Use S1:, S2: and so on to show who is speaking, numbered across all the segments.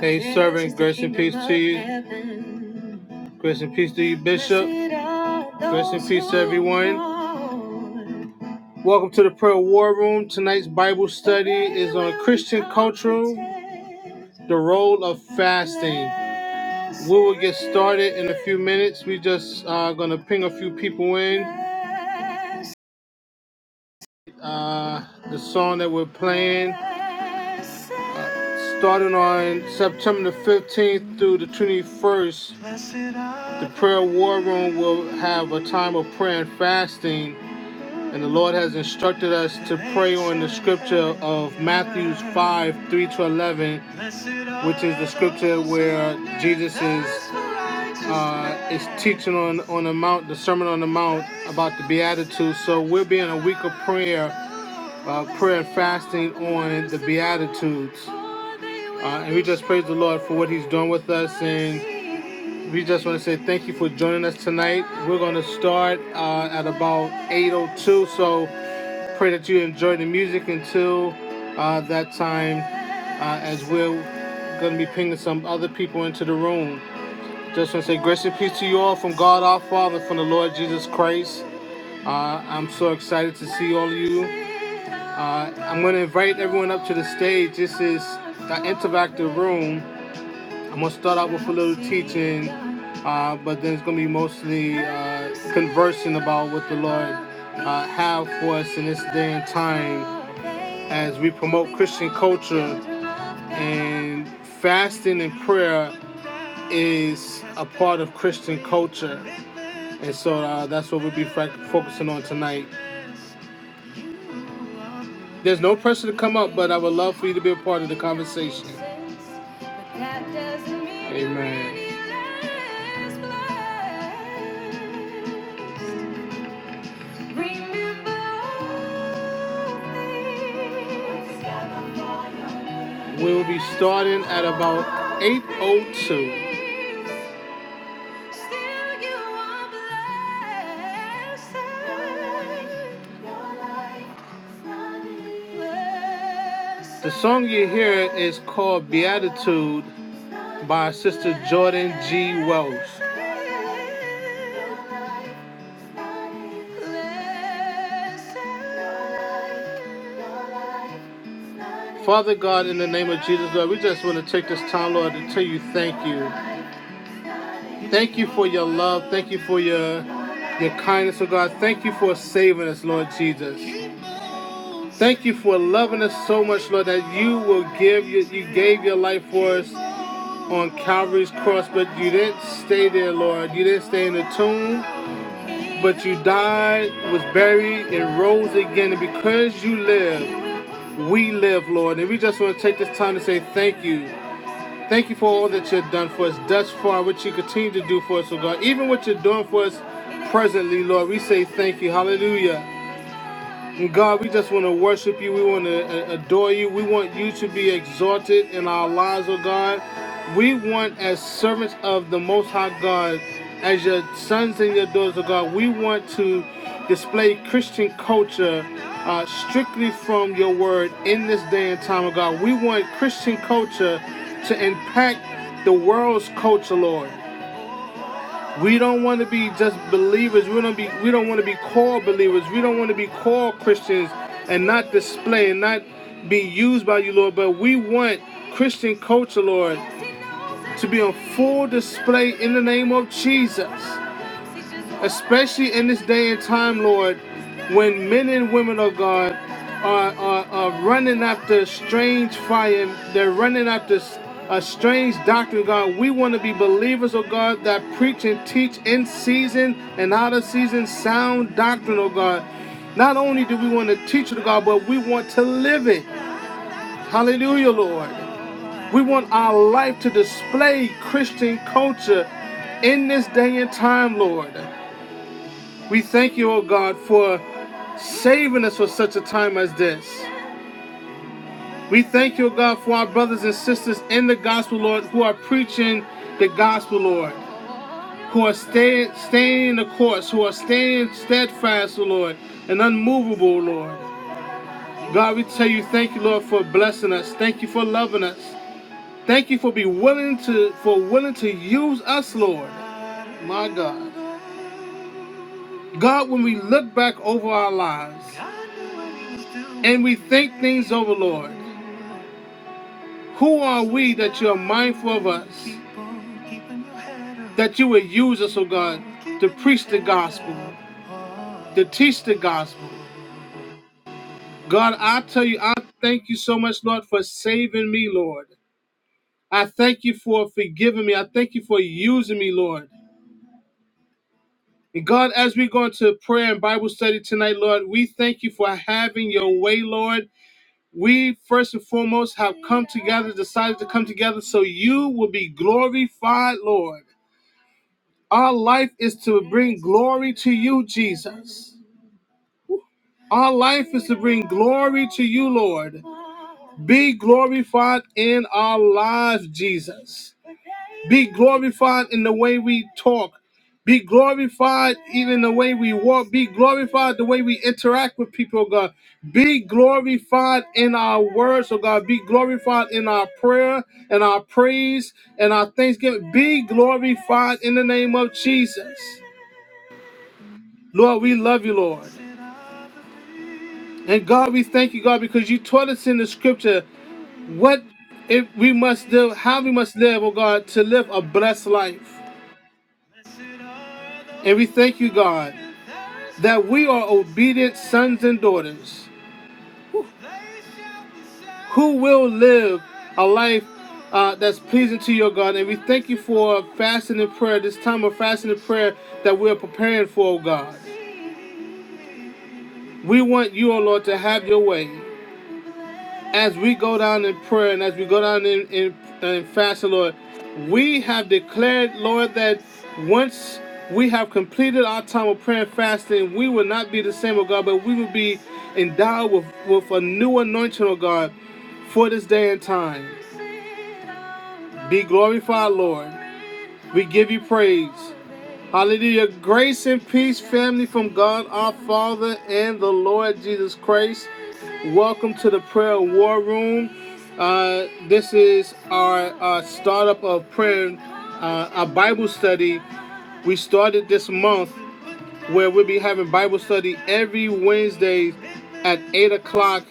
S1: Hey, servant, grace and peace to you. Grace and peace to you, Bishop. Grace and peace to everyone. Welcome to the Prayer War Room. Tonight's Bible study is on Christian culture, the role of fasting. We will get started in a few minutes. We just are uh, gonna ping a few people in uh, the song that we're playing. Starting on September the 15th through the 21st, the prayer war room will have a time of prayer and fasting. And the Lord has instructed us to pray on the scripture of Matthew 5 3 to 11, which is the scripture where Jesus is, uh, is teaching on, on the Mount, the Sermon on the Mount about the Beatitudes. So we'll be in a week of prayer, uh, prayer and fasting on the Beatitudes. Uh, and we just praise the Lord for what He's doing with us. And we just want to say thank you for joining us tonight. We're going to start uh, at about 8.02. So pray that you enjoy the music until uh, that time uh, as we're going to be pinging some other people into the room. Just want to say grace and peace to you all from God our Father, from the Lord Jesus Christ. Uh, I'm so excited to see all of you. Uh, I'm going to invite everyone up to the stage. This is the interactive room. I'm gonna start out with a little teaching, uh, but then it's gonna be mostly uh, conversing about what the Lord uh, have for us in this day and time as we promote Christian culture and fasting and prayer is a part of Christian culture, and so uh, that's what we'll be focusing on tonight. There's no pressure to come up, but I would love for you to be a part of the conversation. Amen. We'll be starting at about 8.02. The song you hear is called Beatitude by Sister Jordan G. Wells. Father God, in the name of Jesus, Lord, we just want to take this time, Lord, to tell you thank you. Thank you for your love. Thank you for your your kindness, oh God. Thank you for saving us, Lord Jesus. Thank you for loving us so much, Lord, that you will give you you gave your life for us on Calvary's cross, but you didn't stay there, Lord. You didn't stay in the tomb, but you died, was buried, and rose again. And because you live, we live, Lord. And we just want to take this time to say thank you. Thank you for all that you've done for us thus far, what you continue to do for us, oh God. Even what you're doing for us presently, Lord, we say thank you. Hallelujah. And God, we just want to worship you. We want to adore you. We want you to be exalted in our lives, oh God. We want, as servants of the Most High God, as your sons and your daughters, oh God, we want to display Christian culture uh, strictly from your word in this day and time, oh God. We want Christian culture to impact the world's culture, Lord. We don't want to be just believers. We don't be we don't want to be called believers. We don't want to be called Christians and not display and not be used by you, Lord. But we want Christian culture, Lord, to be on full display in the name of Jesus especially in this day and time, Lord, when men and women of God are, are, are running after strange fire, they're running after a strange doctrine, God. We want to be believers, oh God, that preach and teach in season and out of season sound doctrine, oh God. Not only do we want to teach it, oh God, but we want to live it. Hallelujah, Lord. We want our life to display Christian culture in this day and time, Lord. We thank you, O God, for saving us for such a time as this. We thank you, O God, for our brothers and sisters in the gospel, Lord, who are preaching the gospel, Lord, who are stay, staying in the course, who are staying steadfast, O Lord, and unmovable, Lord. God, we tell you, thank you, Lord, for blessing us. Thank you for loving us. Thank you for be willing to for willing to use us, Lord. My God. God, when we look back over our lives and we think things over, Lord. Who are we that you are mindful of us, that you would use us, oh God, to preach the gospel, to teach the gospel? God, I tell you, I thank you so much, Lord, for saving me, Lord. I thank you for forgiving me. I thank you for using me, Lord. And God, as we go into prayer and Bible study tonight, Lord, we thank you for having your way, Lord. We first and foremost have come together, decided to come together so you will be glorified, Lord. Our life is to bring glory to you, Jesus. Our life is to bring glory to you, Lord. Be glorified in our lives, Jesus. Be glorified in the way we talk. Be glorified even the way we walk. Be glorified the way we interact with people, oh God. Be glorified in our words, oh God. Be glorified in our prayer and our praise and our thanksgiving. Be glorified in the name of Jesus. Lord, we love you, Lord. And God, we thank you, God, because you taught us in the scripture what if we must do, how we must live, oh God, to live a blessed life. And we thank you, God, that we are obedient sons and daughters who will live a life uh, that's pleasing to your God. And we thank you for fasting and prayer, this time of fasting and prayer that we're preparing for, oh God. We want you, oh Lord, to have your way. as we go down in prayer and as we go down in, in, in fasting, Lord, we have declared, Lord, that once we have completed our time of prayer and fasting, we will not be the same, oh God, but we will be endowed with, with a new anointing, oh God, for this day and time. Be glorified, Lord. We give you praise. Hallelujah. Grace and peace, family, from God our Father and the Lord Jesus Christ. Welcome to the Prayer War Room. Uh, this is our uh, startup of prayer, uh, our Bible study. We started this month where we'll be having Bible study every Wednesday at 8 o'clock.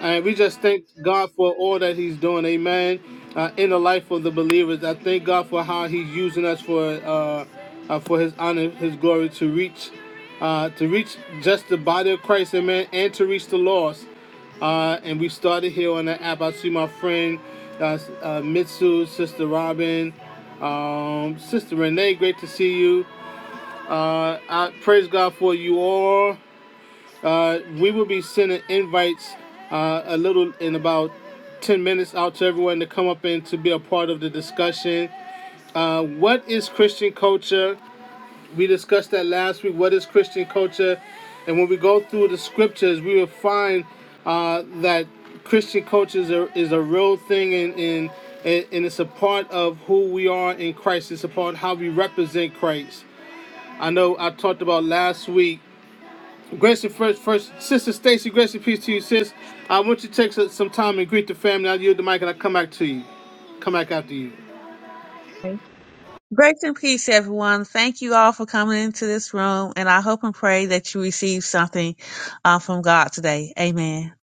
S1: And we just thank God for all that He's doing, amen, uh, in the life of the believers. I thank God for how He's using us for uh, uh, for His honor, His glory to reach. Uh, to reach just the body of Christ, amen, and to reach the lost. Uh, and we started here on the app. I see my friend uh, uh, Mitsu, Sister Robin, um, Sister Renee, great to see you. Uh, I praise God for you all. Uh, we will be sending invites uh, a little in about 10 minutes out to everyone to come up and to be a part of the discussion. Uh, what is Christian culture? We discussed that last week. What is Christian culture? And when we go through the scriptures, we will find uh, that Christian culture is a, is a real thing and, and, and it's a part of who we are in Christ. It's a part of how we represent Christ. I know I talked about last week Grace and first, first sister Stacy, grace and peace to you, sis. I want you to take some some time and greet the family. I'll yield the mic and I'll come back to you. Come back after you.
S2: Grace and peace, everyone. Thank you all for coming into this room, and I hope and pray that you receive something uh, from God today. Amen.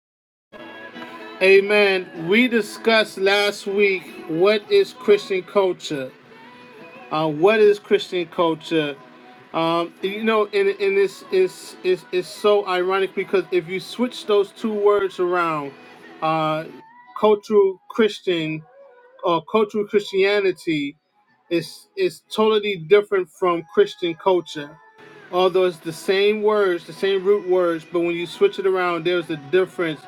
S1: Amen. We discussed last week what is Christian culture. Uh, what is Christian culture? Um, you know, and, and it's, it's, it's, it's so ironic because if you switch those two words around, uh, cultural Christian uh, cultural Christianity is is totally different from Christian culture. Although it's the same words, the same root words, but when you switch it around, there's a difference.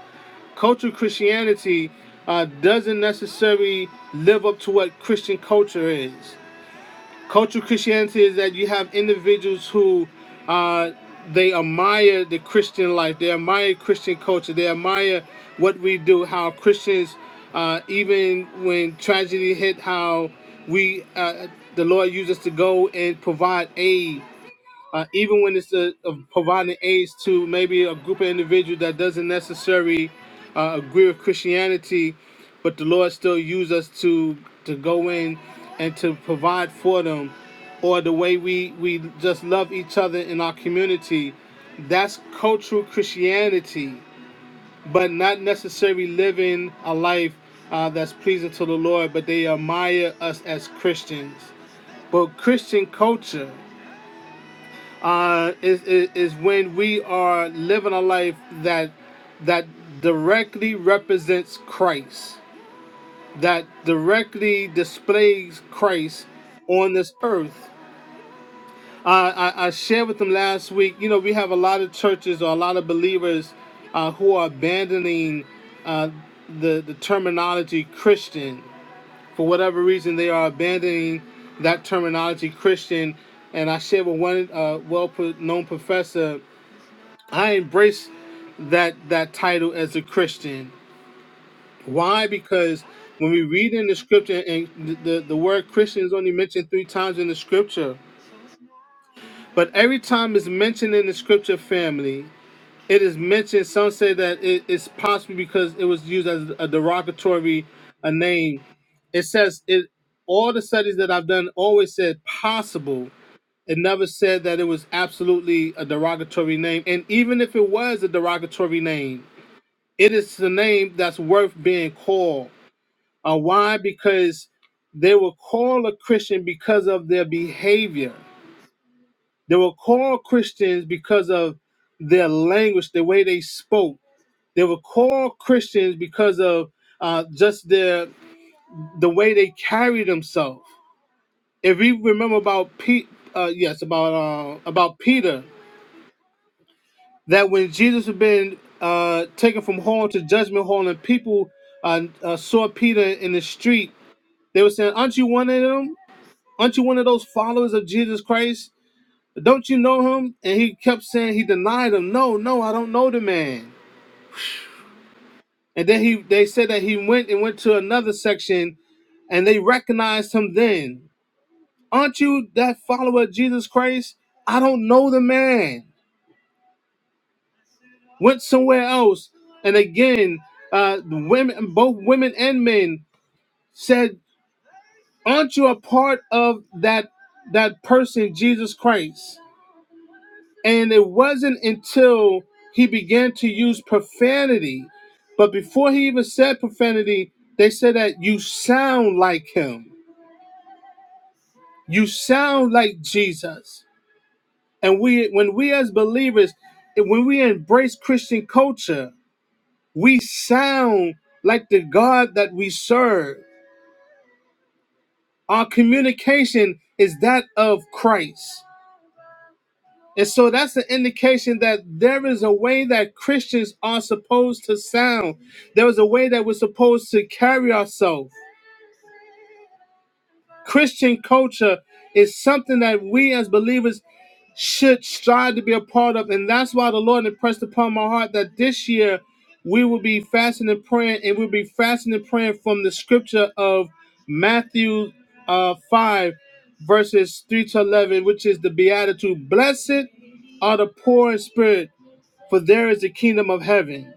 S1: Cultural Christianity uh, doesn't necessarily live up to what Christian culture is. Cultural Christianity is that you have individuals who uh, they admire the Christian life, they admire Christian culture, they admire what we do, how Christians, uh, even when tragedy hit, how we uh, the Lord used us to go and provide aid uh, even when it's uh of providing aids to maybe a group of individuals that doesn't necessarily uh, agree with Christianity, but the Lord still use us to to go in and to provide for them, or the way we we just love each other in our community. That's cultural Christianity, but not necessarily living a life uh, that's pleasing to the Lord. But they admire us as Christians. But Christian culture uh, is, is is when we are living a life that that directly represents Christ, that directly displays Christ on this earth. I, I, I shared with them last week. You know, we have a lot of churches or a lot of believers uh, who are abandoning uh, the the terminology Christian for whatever reason. They are abandoning that terminology Christian. And I shared with one uh, well-known professor I embrace that that title as a Christian. Why? Because when we read in the scripture, and the, the, word Christian is only mentioned three times in the scripture, but every time it's mentioned in the scripture family, it is mentioned. Some say that it's possibly because it was used as a derogatory a name. It says it. All the studies that I've done always said possible. It never said that it was absolutely a derogatory name. And even if it was a derogatory name, It is the name that's worth being called. Uh, why? Because they were called a Christian because of their behavior. They were called Christians because of their language, the way they spoke. They were called Christians because of uh, just their the way they carried themselves. If we remember about Pete, uh, yes, about uh, about Peter, that when Jesus had been uh, taken from hall to judgment hall, and people uh, uh, saw Peter in the street, They were saying, "Aren't you one of them? Aren't you one of those followers of Jesus Christ? Don't you know him?" And he kept saying he denied him. No, no, I don't know the man. And then he they said that he went and went to another section, and they recognized him. Then, aren't you that follower of Jesus Christ? I don't know the man. Went somewhere else, and again, uh, women, both women and men, said, "Aren't you a part of that that person, Jesus Christ?" And it wasn't until he began to use profanity, but before he even said profanity, they said that you sound like him. You sound like Jesus. And we when we as believers, when we embrace Christian culture, we sound like the God that we serve. Our communication is that of Christ. And so that's an indication that there is a way that Christians are supposed to sound. There is a way that we're supposed to carry ourselves. Christian culture is something that we as believers should strive to be a part of. And that's why the Lord impressed upon my heart that this year we will be fasting and praying, and we'll be fasting and praying from the scripture of Matthew uh, 5, verses 3 to 11, which is the Beatitude. Blessed are the poor in spirit for there is the kingdom of heaven.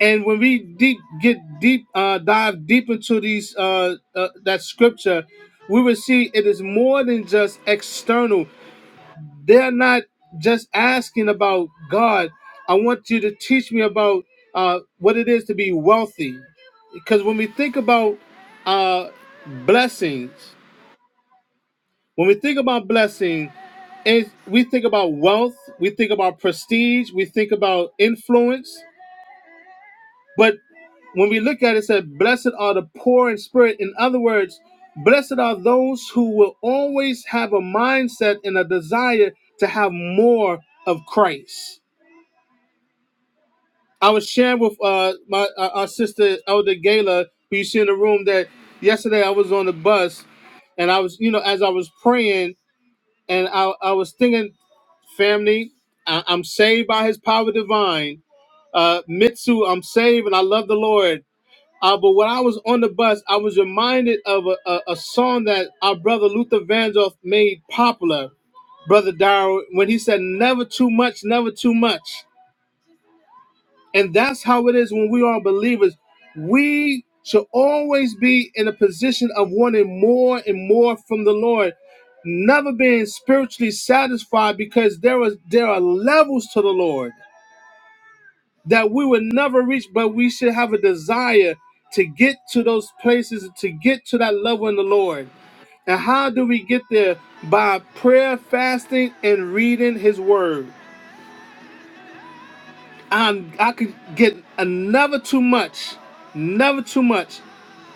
S1: And when we deep get deep, uh, dive deep into these uh, uh, that scripture, we will see it is more than just external. They're not just asking about God. I want you to teach me about uh, what it is to be wealthy, because when we think about uh, blessings, when we think about blessing, is we think about wealth, we think about prestige, we think about influence, But when we look at it, it said, Blessed are the poor in spirit. In other words, blessed are those who will always have a mindset and a desire to have more of Christ. I was sharing with uh, my uh, our sister Elder Gala, who you see in the room, that yesterday I was on the bus and I was, you know, as I was praying and I, I was thinking, family, I, I'm saved by his power divine. Uh, Mitsu, I'm saved and I love the Lord Uh, but when I was on the bus, I was reminded of a, a, a song that our brother Luther Vandross made popular, Brother Darrell, when he said, Never too much, never too much. And that's how it is when we are believers. We should always be in a position of wanting more and more from the Lord, never being spiritually satisfied because there, is, there are levels to the Lord that we will never reach, but we should have a desire to get to those places, to get to that level in the Lord. And how do we get there? By prayer, fasting, and reading His Word. I'm I could get a never too much, never too much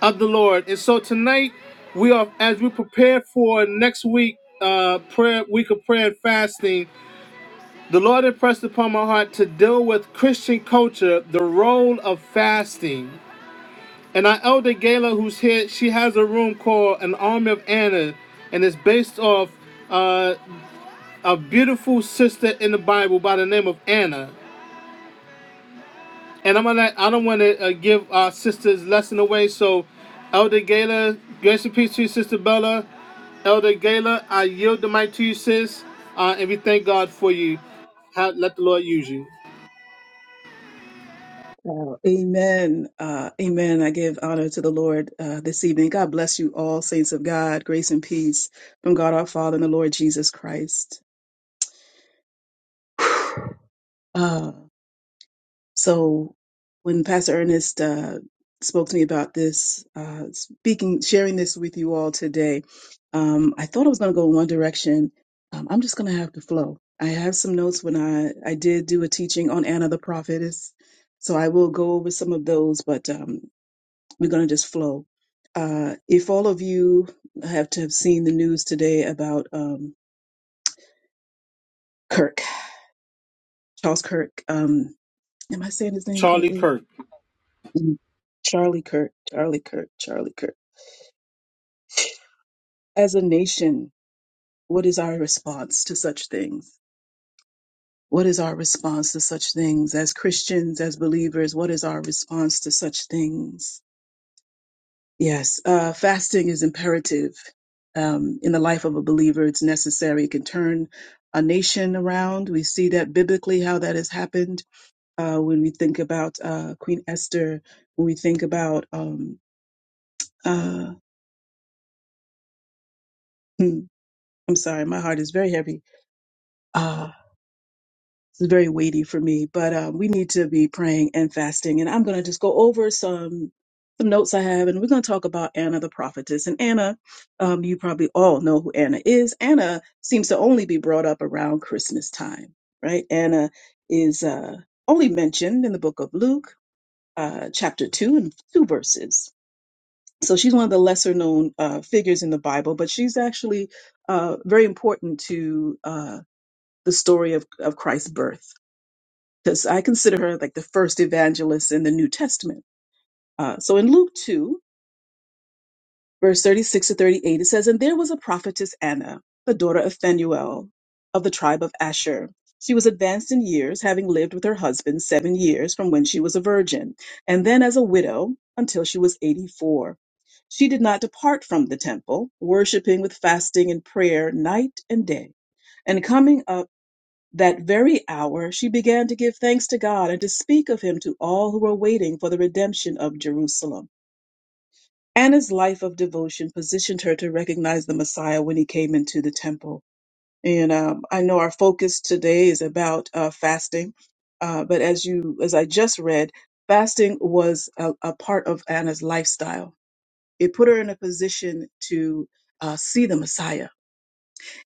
S1: of the Lord. And so tonight, we are as we prepare for next week, uh, prayer week of prayer and fasting. The Lord impressed upon my heart to deal with Christian culture the role of fasting. And our elder Gala, who's here, she has a room called An Army of Anna, and it's based off uh, a beautiful sister in the Bible by the name of Anna. And I'm gonna, I don't want to uh, give our sister's lesson away, so Elder Gala, grace and peace to you, Sister Bella. Elder Gala, I yield the mic to you, sis, uh, and we thank God for you. Have, let the Lord use you.
S3: Oh, amen. Uh, amen. I give honor to the Lord uh, this evening. God bless you all, saints of God. Grace and peace from God our Father and the Lord Jesus Christ. Uh, so, when Pastor Ernest uh, spoke to me about this, uh, speaking, sharing this with you all today, um, I thought I was going to go in one direction. Um, I'm just going to have to flow. I have some notes when I, I did do a teaching on Anna the prophetess. So I will go over some of those, but um, We're going to just flow. Uh, if all of you have to have seen the news today about um, Kirk, Charles Kirk, um, am I saying his name
S1: Charlie
S3: correctly?
S1: Kirk.
S3: Mm. Charlie Kirk, Charlie Kirk, Charlie Kirk. As a nation, what is our response to such things? What is our response to such things? As Christians, as believers, what is our response to such things? Yes, uh, fasting is imperative um, in the life of a believer. It's necessary. It can turn a nation around. We see that biblically how that has happened uh, when we think about uh, Queen Esther. When we think about, um, uh, hmm, I'm sorry, my heart is very heavy. Uh, It's very weighty for me, but um, we need to be praying and fasting. And I'm going to just go over some some notes I have, and we're going to talk about Anna the prophetess. And Anna, um, you probably all know who Anna is. Anna seems to only be brought up around Christmas time, right? Anna is uh, only mentioned in the book of Luke, uh, chapter two and two verses. So she's one of the lesser known uh, figures in the Bible, but she's actually uh, very important to uh, the story of, of Christ's birth because I consider her like the first evangelist in the New Testament. Uh, so in Luke 2, verse 36 to 38, it says, And there was a prophetess Anna, the daughter of Phanuel of the tribe of Asher. She was advanced in years, having lived with her husband seven years from when she was a virgin, and then as a widow until she was 84. She did not depart from the temple, worshiping with fasting and prayer night and day. and coming up. That very hour she began to give thanks to God and to speak of him to all who were waiting for the redemption of Jerusalem. Anna's life of devotion positioned her to recognize the Messiah when he came into the temple. And um, I know our focus today is about uh, fasting, uh, but as you, as I just read, fasting was a, a part of Anna's lifestyle. It put her in a position to uh, see the Messiah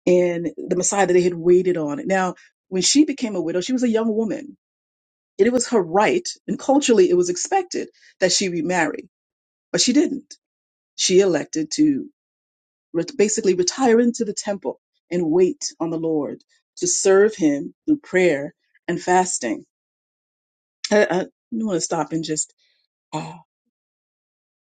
S3: and the Messiah that they had waited on. Now, when she became a widow, she was a young woman It was her right, and culturally it was expected that she remarry, but she didn't. She elected to re- basically retire into the temple and wait on the Lord to serve Him through prayer and fasting. I, I want to stop and just. uh,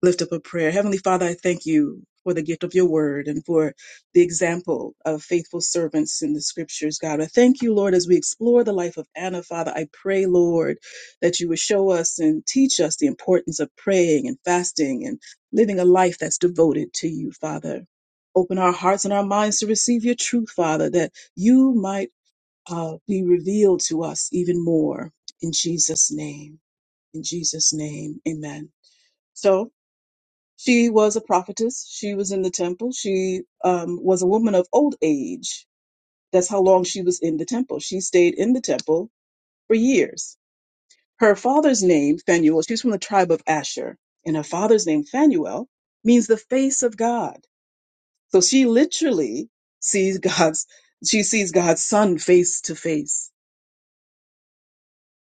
S3: lift up a prayer. Heavenly Father, I thank you for the gift of your word and for the example of faithful servants in the scriptures, God. I thank you, Lord, as we explore the life of Anna, Father. I pray, Lord, that you would show us and teach us the importance of praying and fasting and living a life that's devoted to you, Father. Open our hearts and our minds to receive your truth, Father, that you might uh, be revealed to us even more. In Jesus' name. In Jesus' name. Amen. So, she was a prophetess. She was in the temple. She um, was a woman of old age. That's how long she was in the temple. She stayed in the temple for years. Her father's name, Phanuel, she's from the tribe of Asher, and her father's name, Phanuel, means the face of God. So she literally sees God's, she sees God's son face to face.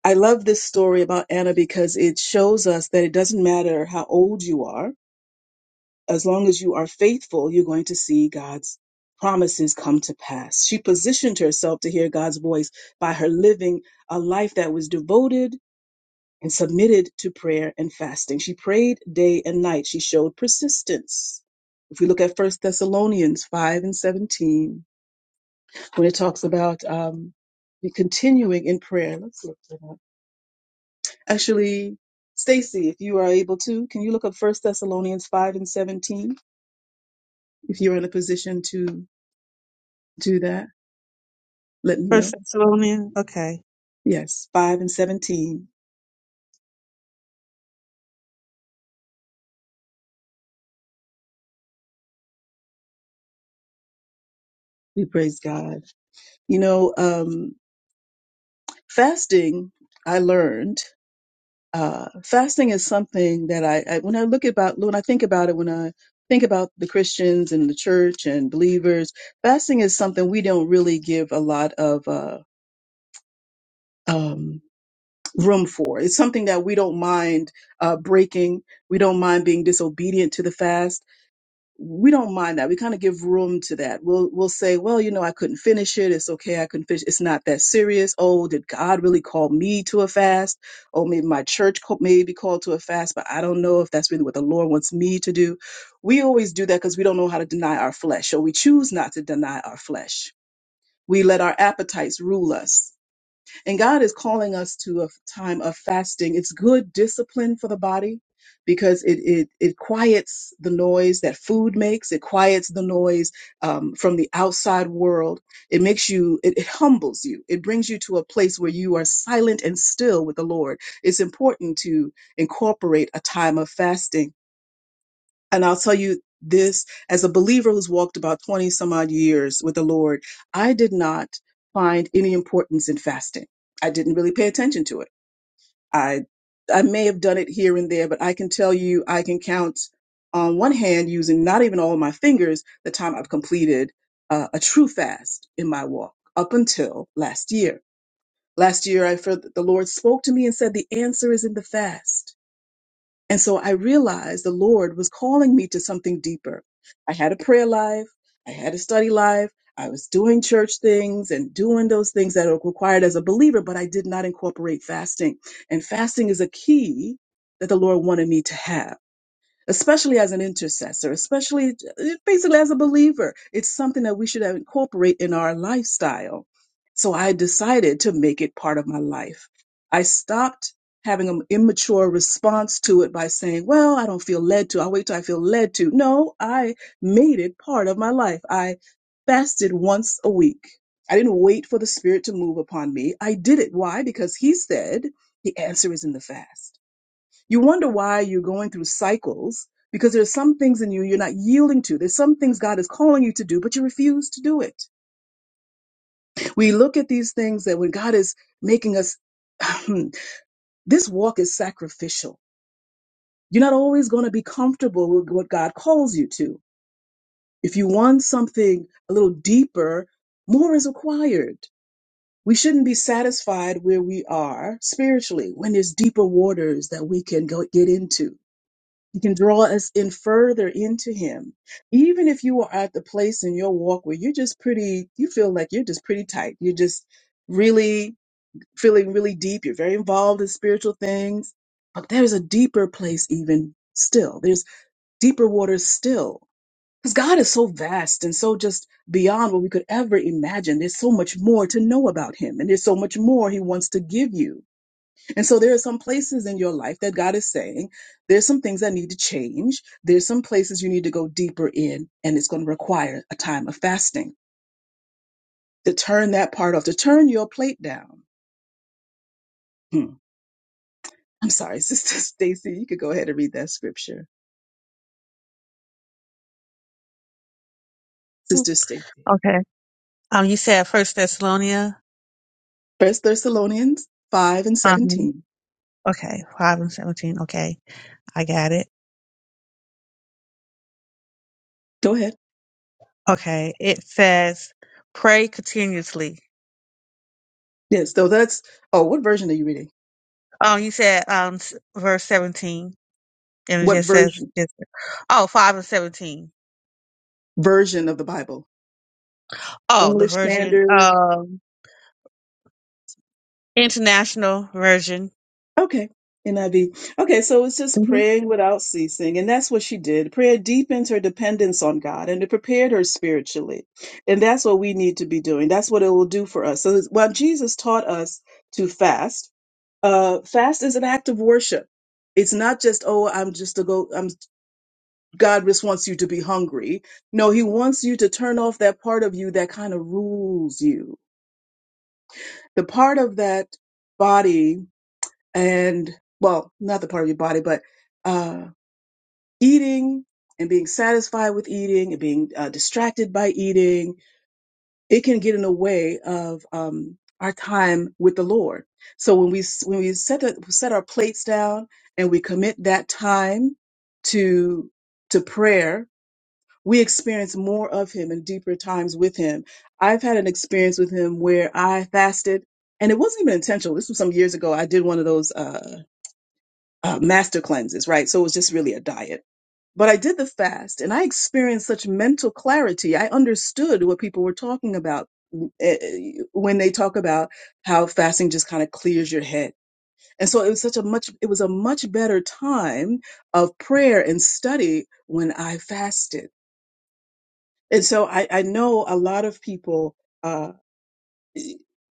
S3: I love this story about Anna because it shows us that it doesn't matter how old you are as long as you are faithful, you're going to see God's promises come to pass. She positioned herself to hear God's voice by her living a life that was devoted and submitted to prayer and fasting. She prayed day and night. She showed persistence. If we look at First Thessalonians 5 and 17, when it talks about um, the continuing in prayer, let's look that up. Actually, Stacy, if you are able to, can you look up First Thessalonians 5 and 17 if you're in a position to? do that, let me
S2: First
S3: know.
S2: Thessalonians. Okay.
S3: Yes, 5 and 17. We praise God. You know, um, fasting, I learned, uh, fasting is something that I, I, when I look about, when I think about it, when I think about the Christians and the church and believers, fasting is something we don't really give a lot of, uh, um, room for. It's something that we don't mind, uh, breaking. We don't mind being disobedient to the fast we don't mind that. We kind of give room to that. We'll we'll say, well, you know, I couldn't finish it. It's okay. I couldn't finish. It's not that serious. Oh, did God really call me to a fast? Oh, maybe my church called, maybe called to a fast, but I don't know if that's really what the Lord wants me to do. We always do that because we don't know how to deny our flesh, so we choose not to deny our flesh. We let our appetites rule us and God is calling us to a time of fasting. It's good discipline for the body because it it, it quiets the noise that food makes. It quiets the noise um, from the outside world. It makes you. It, it humbles you. It brings you to a place where you are silent and still with the Lord. It's important to incorporate a time of fasting and I'll tell you this as a believer who's walked about 20 some odd years with the Lord, I did not find any importance in fasting. I didn't really pay attention to it. I I may have done it here and there, but I can tell you I can count on one hand using not even all my fingers the time I've completed uh, a true fast in my walk up until last year. Last year I felt that the Lord spoke to me and said the answer is in the fast and so I realized the Lord was calling me to something deeper. I had a prayer life, I had a study life, I was doing church things and doing those things that are required as a believer, but I did not incorporate fasting. And fasting is a key that the Lord wanted me to have especially as an intercessor, especially uh, basically as a believer. It's something that we should incorporate in our lifestyle. So I decided to make it part of my life. I stopped having an immature response to it by saying, well, I don't feel led to. I'll wait till I feel led to. No, I made it part of my life. I fasted once a week. I didn't wait for the spirit to move upon me. I did it. Why? Because he said the answer is in the fast. You wonder why you're going through cycles because there's some things in you you're not yielding to. There's some things God is calling you to do, but you refuse to do it. We look at these things that when God is making us, this walk is sacrificial. You're not always going to be comfortable with what God calls you to. If you want something a little deeper, more is required. We shouldn't be satisfied where we are spiritually when there's deeper waters that we can go get into He can draw us in further into Him. Even if you are at the place in your walk where you're just pretty, you feel like you're just pretty tight. You're just really feeling really deep. You're very involved in spiritual things. But there's a deeper place, even still. There's deeper waters still. Because God is so vast and so just beyond what we could ever imagine. There's so much more to know about Him, and there's so much more He wants to give you. And so there are some places in your life that God is saying, there's some things that need to change. There's some places you need to go deeper in, and it's going to require a time of fasting to turn that part off, to turn your plate down. Hmm. I'm sorry, Sister Stacy, you could go ahead and read that scripture. Sister Stacy.
S2: Okay. Um, you said First Thessalonians.
S3: First Thessalonians 5 and
S2: Uh huh.
S3: 17.
S2: Okay, five and seventeen. Okay, I got it.
S3: Go ahead.
S2: Okay, it says pray continuously.
S3: Yes, so that's, oh, what version are you reading?
S2: Um, you said um s- verse seventeen, and it
S3: What
S2: just
S3: version
S2: says just oh five and seventeen.
S3: version of the Bible?
S2: Oh, the
S3: English
S2: version
S3: Standard,
S2: um international version.
S3: Okay. NIV. Okay, so it's just praying without ceasing. And that's what she did. Prayer deepens her dependence on God and it prepared her spiritually. And that's what we need to be doing. That's what it will do for us. So while Jesus taught us to fast, uh, fast is an act of worship. It's not just, oh, I'm just to go, I'm, God just wants you to be hungry. No, he wants you to turn off that part of you that kind of rules you. The part of that body and well, not the part of your body, but uh, eating and being satisfied with eating and being uh, distracted by eating, it can get in the way of um, our time with the Lord. So when we s- when we set the, set our plates down and we commit that time to to prayer, we experience more of Him and deeper times with Him. I've had an experience with Him where I fasted. And it wasn't even intentional. This was some years ago. I did one of those. Uh, uh, master cleanses, right? So it was just really a diet. But I did the fast and I experienced such mental clarity. I understood what people were talking about mm, eh, eh, when they talk about how fasting just kind of clears your head. And so it was such a much, it was a much better time of prayer and study when I fasted. And so I, I know a lot of people. uh,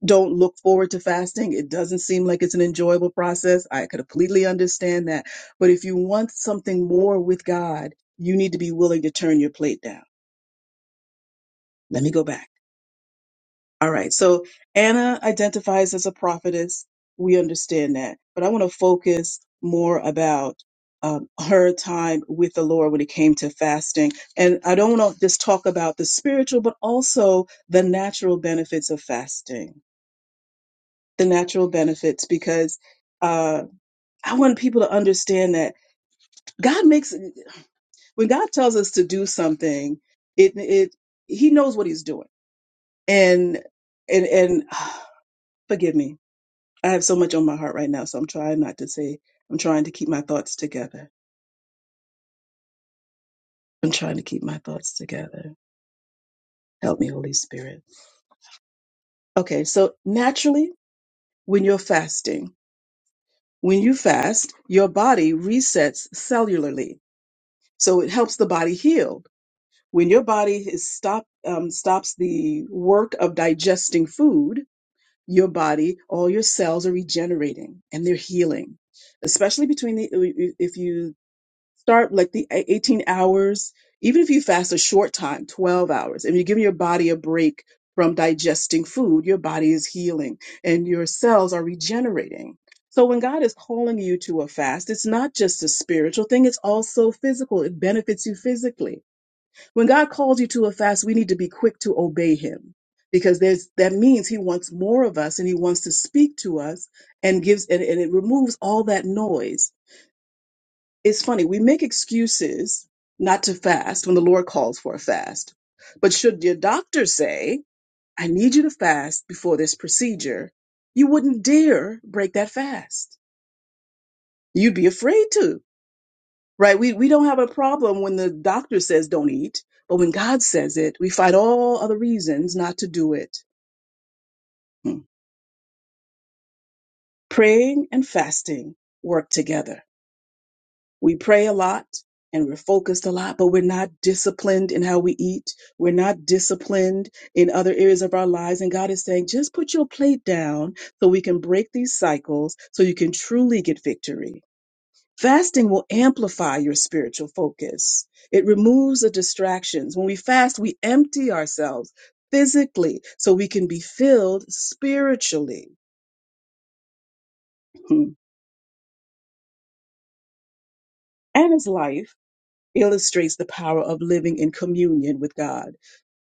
S3: don't look forward to fasting. It doesn't seem like it's an enjoyable process. I could completely understand that. But if you want something more with God, you need to be willing to turn your plate down. Let me go back. All right. So Anna identifies as a prophetess. We understand that. But I want to focus more about um, her time with the Lord when it came to fasting. And I don't want to just talk about the spiritual, but also the natural benefits of fasting. The natural benefits, because uh, I want people to understand that God makes when God tells us to do something, it it He knows what He's doing, and and and forgive me, I have so much on my heart right now, so I'm trying not to say. I'm trying to keep my thoughts together. I'm trying to keep my thoughts together. Help me, Holy Spirit. Okay, so naturally, when you're fasting, when you fast, your body resets cellularly, so it helps the body heal when your body is stop um, stops the work of digesting food your body all your cells are regenerating and they're healing especially between the if you start like the e, 18 hours even if you fast a short time 12 hours and you're giving your body a break from digesting food your body is healing and your cells are regenerating so when god is calling you to a fast it's not just a spiritual thing it's also physical it benefits you physically when God calls you to a fast, we need to be quick to obey him because there's that means he wants more of us and he wants to speak to us and gives and, and it removes all that noise. It's funny, we make excuses not to fast when the Lord calls for a fast. But should your doctor say, I need you to fast before this procedure, you wouldn't dare break that fast. You'd be afraid to right? We we don't have a problem when the doctor says don't eat, but when God says it, we find all other reasons not to do it. Hmm. Praying and fasting work together. We pray a lot and we're focused a lot, but we're not disciplined in how we eat. We're not disciplined in other areas of our lives. And God is saying, just put your plate down so we can break these cycles so you can truly get victory. Fasting will amplify your spiritual focus. It removes the distractions. When we fast, we empty ourselves physically so we can be filled spiritually. Hmm. And his life illustrates the power of living in communion with God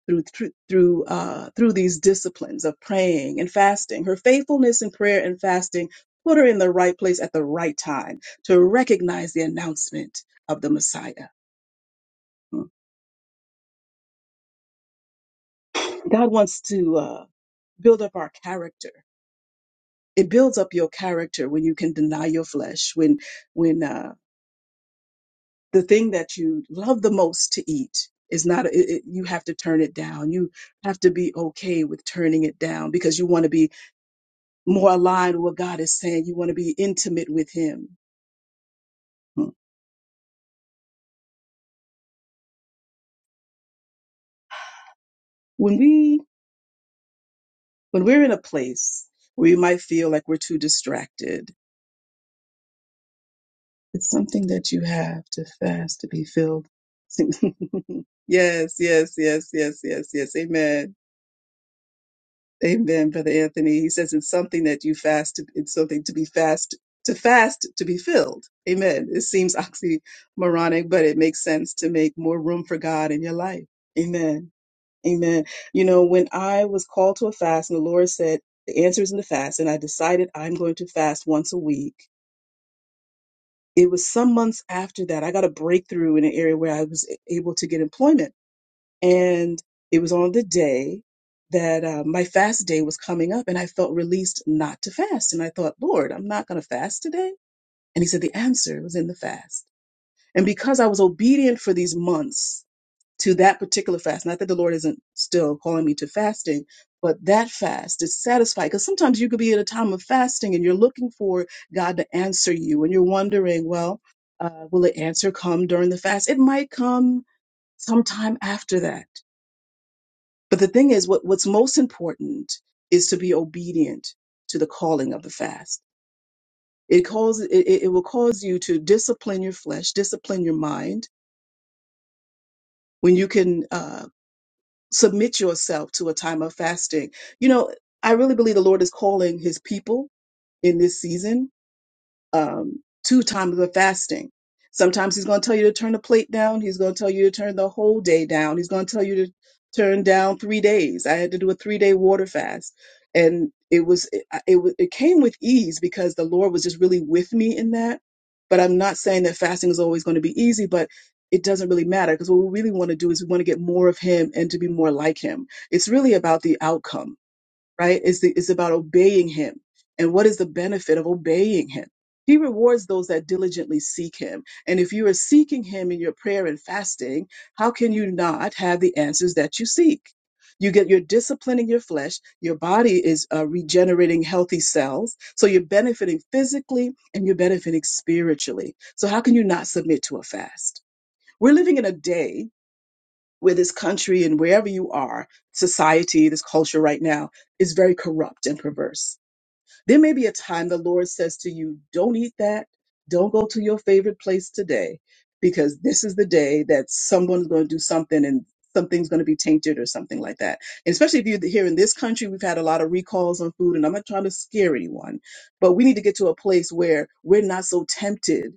S3: through through through, uh, through these disciplines of praying and fasting. Her faithfulness in prayer and fasting put her in the right place at the right time to recognize the announcement of the Messiah. Hmm. God wants to. Uh, build up our character. It builds up your character when you can deny your flesh, when when uh, the thing that you love the most to eat is not. It, it, you have to turn it down. You have to be okay with turning it down because you want to be more aligned with what God is saying. You want to be intimate with Him. Hmm. When we when we're in a place where you might feel like we're too distracted, it's something that you have to fast to be filled. yes, yes, yes, yes, yes, yes. Amen. Amen, Brother Anthony. He says it's something that you fast, to, it's something to be fast, to fast to be filled. Amen. It seems oxymoronic, but it makes sense to make more room for God in your life. Amen. Amen. You know, when I was called to a fast and the Lord said, the answer is in the fast, and I decided I'm going to fast once a week. It was some months after that, I got a breakthrough in an area where I was able to get employment and it was on the day that uh, my fast day was coming up, and I felt released not to fast. And I thought, Lord, I'm not going to fast today. And He said, The answer was in the fast. And because I was obedient for these months to that particular fast, not that the Lord isn't still calling me to fasting, but that fast is satisfied. Because sometimes you could be in a time of fasting and you're looking for God to answer you, and you're wondering, well, uh, will the answer come during the fast? It might come sometime after that but the thing is, what, what's most important is to be obedient to the calling of the fast. It calls it, it it will cause you to discipline your flesh, discipline your mind when you can uh, submit yourself to a time of fasting. You know, I really believe the Lord is calling His people in this season um, two times of fasting. Sometimes he's going to tell you to turn the plate down. He's going to tell you to turn the whole day down. He's going to tell you to turn down three days. I had to do a three day water fast, and it was it, it wa- it came with ease because the Lord was just really with me in that. But I'm not saying that fasting is always going to be easy, but it doesn't really matter because what we really want to do is we want to get more of Him and to be more like Him. It's really about the outcome right? It's, it's about obeying him. And what is the benefit of obeying him? He rewards those that diligently seek him. And if you are seeking him in your prayer and fasting, how can you not have the answers that you seek? You get you're disciplining your flesh. Your body is uh, regenerating healthy cells, so you're benefiting physically and you're benefiting spiritually. So how can you not submit to a fast? We're living in a day where this country and wherever you are, society, this culture right now is very corrupt and perverse. There may be a time the Lord says to you, Don't eat that. Don't go to your favorite place today because this is the day that someone's going to do something and something's going to be tainted or something like that. And especially if you're here in this country, we've had a lot of recalls on food, and I'm not trying to scare anyone, but we need to get to a place where we're not so tempted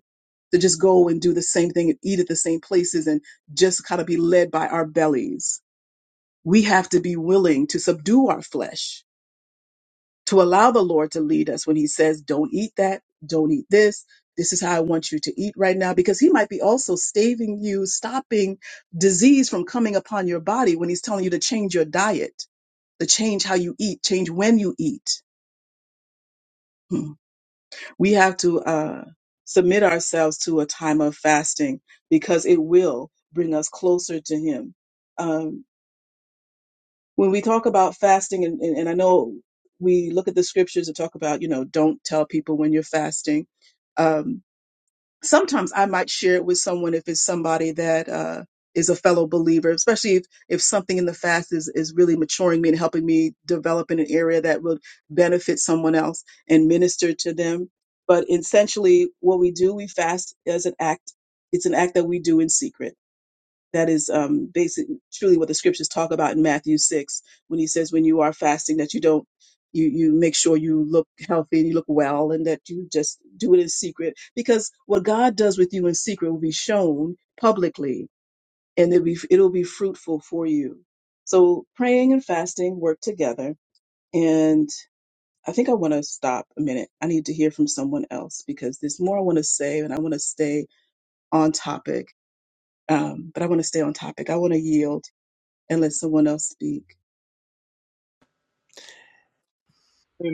S3: to just go and do the same thing and eat at the same places and just kind of be led by our bellies. We have to be willing to subdue our flesh to allow the Lord to lead us when He says, don't eat that, don't eat this. This is how I want you to eat right now, because He might be also staving you, stopping disease from coming upon your body when He's telling you to change your diet, to change how you eat, change when you eat. Hmm. We have to uh, submit ourselves to a time of fasting because it will bring us closer to Him. Um, when we talk about fasting and, and, and i know we look at the scriptures and talk about you know don't tell people when you're fasting um, sometimes i might share it with someone if it's somebody that uh, is a fellow believer especially if, if something in the fast is, is really maturing me and helping me develop in an area that would benefit someone else and minister to them but essentially what we do we fast as an act it's an act that we do in secret that is um, basic, truly what the scriptures talk about in Matthew 6 when he says, when you are fasting, that you don't, you, you make sure you look healthy and you look well and that you just do it in secret. Because what God does with you in secret will be shown publicly and it'll be, it'll be fruitful for you. So praying and fasting work together. And I think I want to stop a minute. I need to hear from someone else because there's more I want to say and I want to stay on topic. Um, but I want to stay on topic. I want to yield and let someone else speak.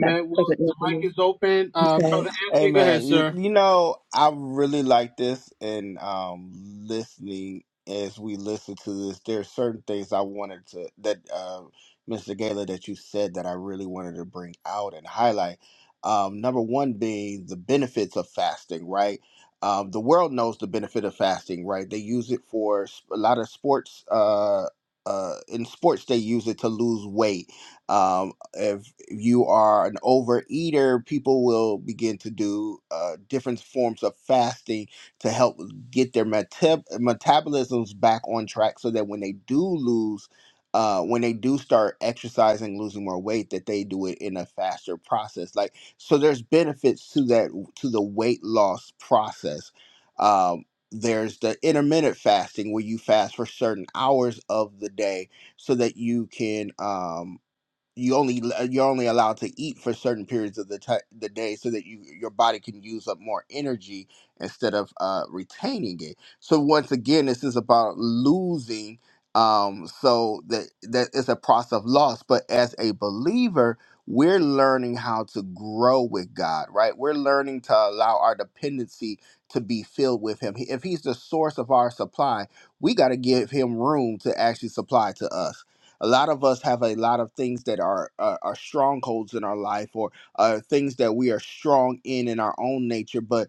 S3: That's
S1: Well, the
S3: Reverend
S1: mic
S3: Anthony.
S1: is open.
S3: I'm
S1: Uh,
S3: sorry.
S1: Brother
S4: Hey
S1: Anthony, go ahead,
S4: man, you,
S1: sir.
S4: you know I really like this and um listening as we listen to this. There are certain things I wanted to that uh, Mr. Gala that you said that I really wanted to bring out and highlight. Um, number one being the benefits of fasting, right? Um, the world knows the benefit of fasting, right? They use it for s- a lot of sports. Uh, uh, in sports, they use it to lose weight. Um, if you are an overeater, people will begin to do uh, different forms of fasting to help get their metab- metabolisms back on track so that when they do lose, uh, when they do start exercising, losing more weight, that they do it in a faster process. Like, so there's benefits to that, to the weight loss process. Um, there's the intermittent fasting where you fast for certain hours of the day so that you can, um you only you're only allowed to eat for certain periods of the ti the day so that you your body can use up more energy instead of uh, retaining it. So once again, this is about losing. Um, so that that is a process of loss. But as a believer, we're learning how to grow with God, right? We're learning to allow our dependency to be filled with Him. If He's the source of our supply, we got to give Him room to actually supply to us a lot of us have a lot of things that are are, are strongholds in our life or uh, things that we are strong in in our own nature but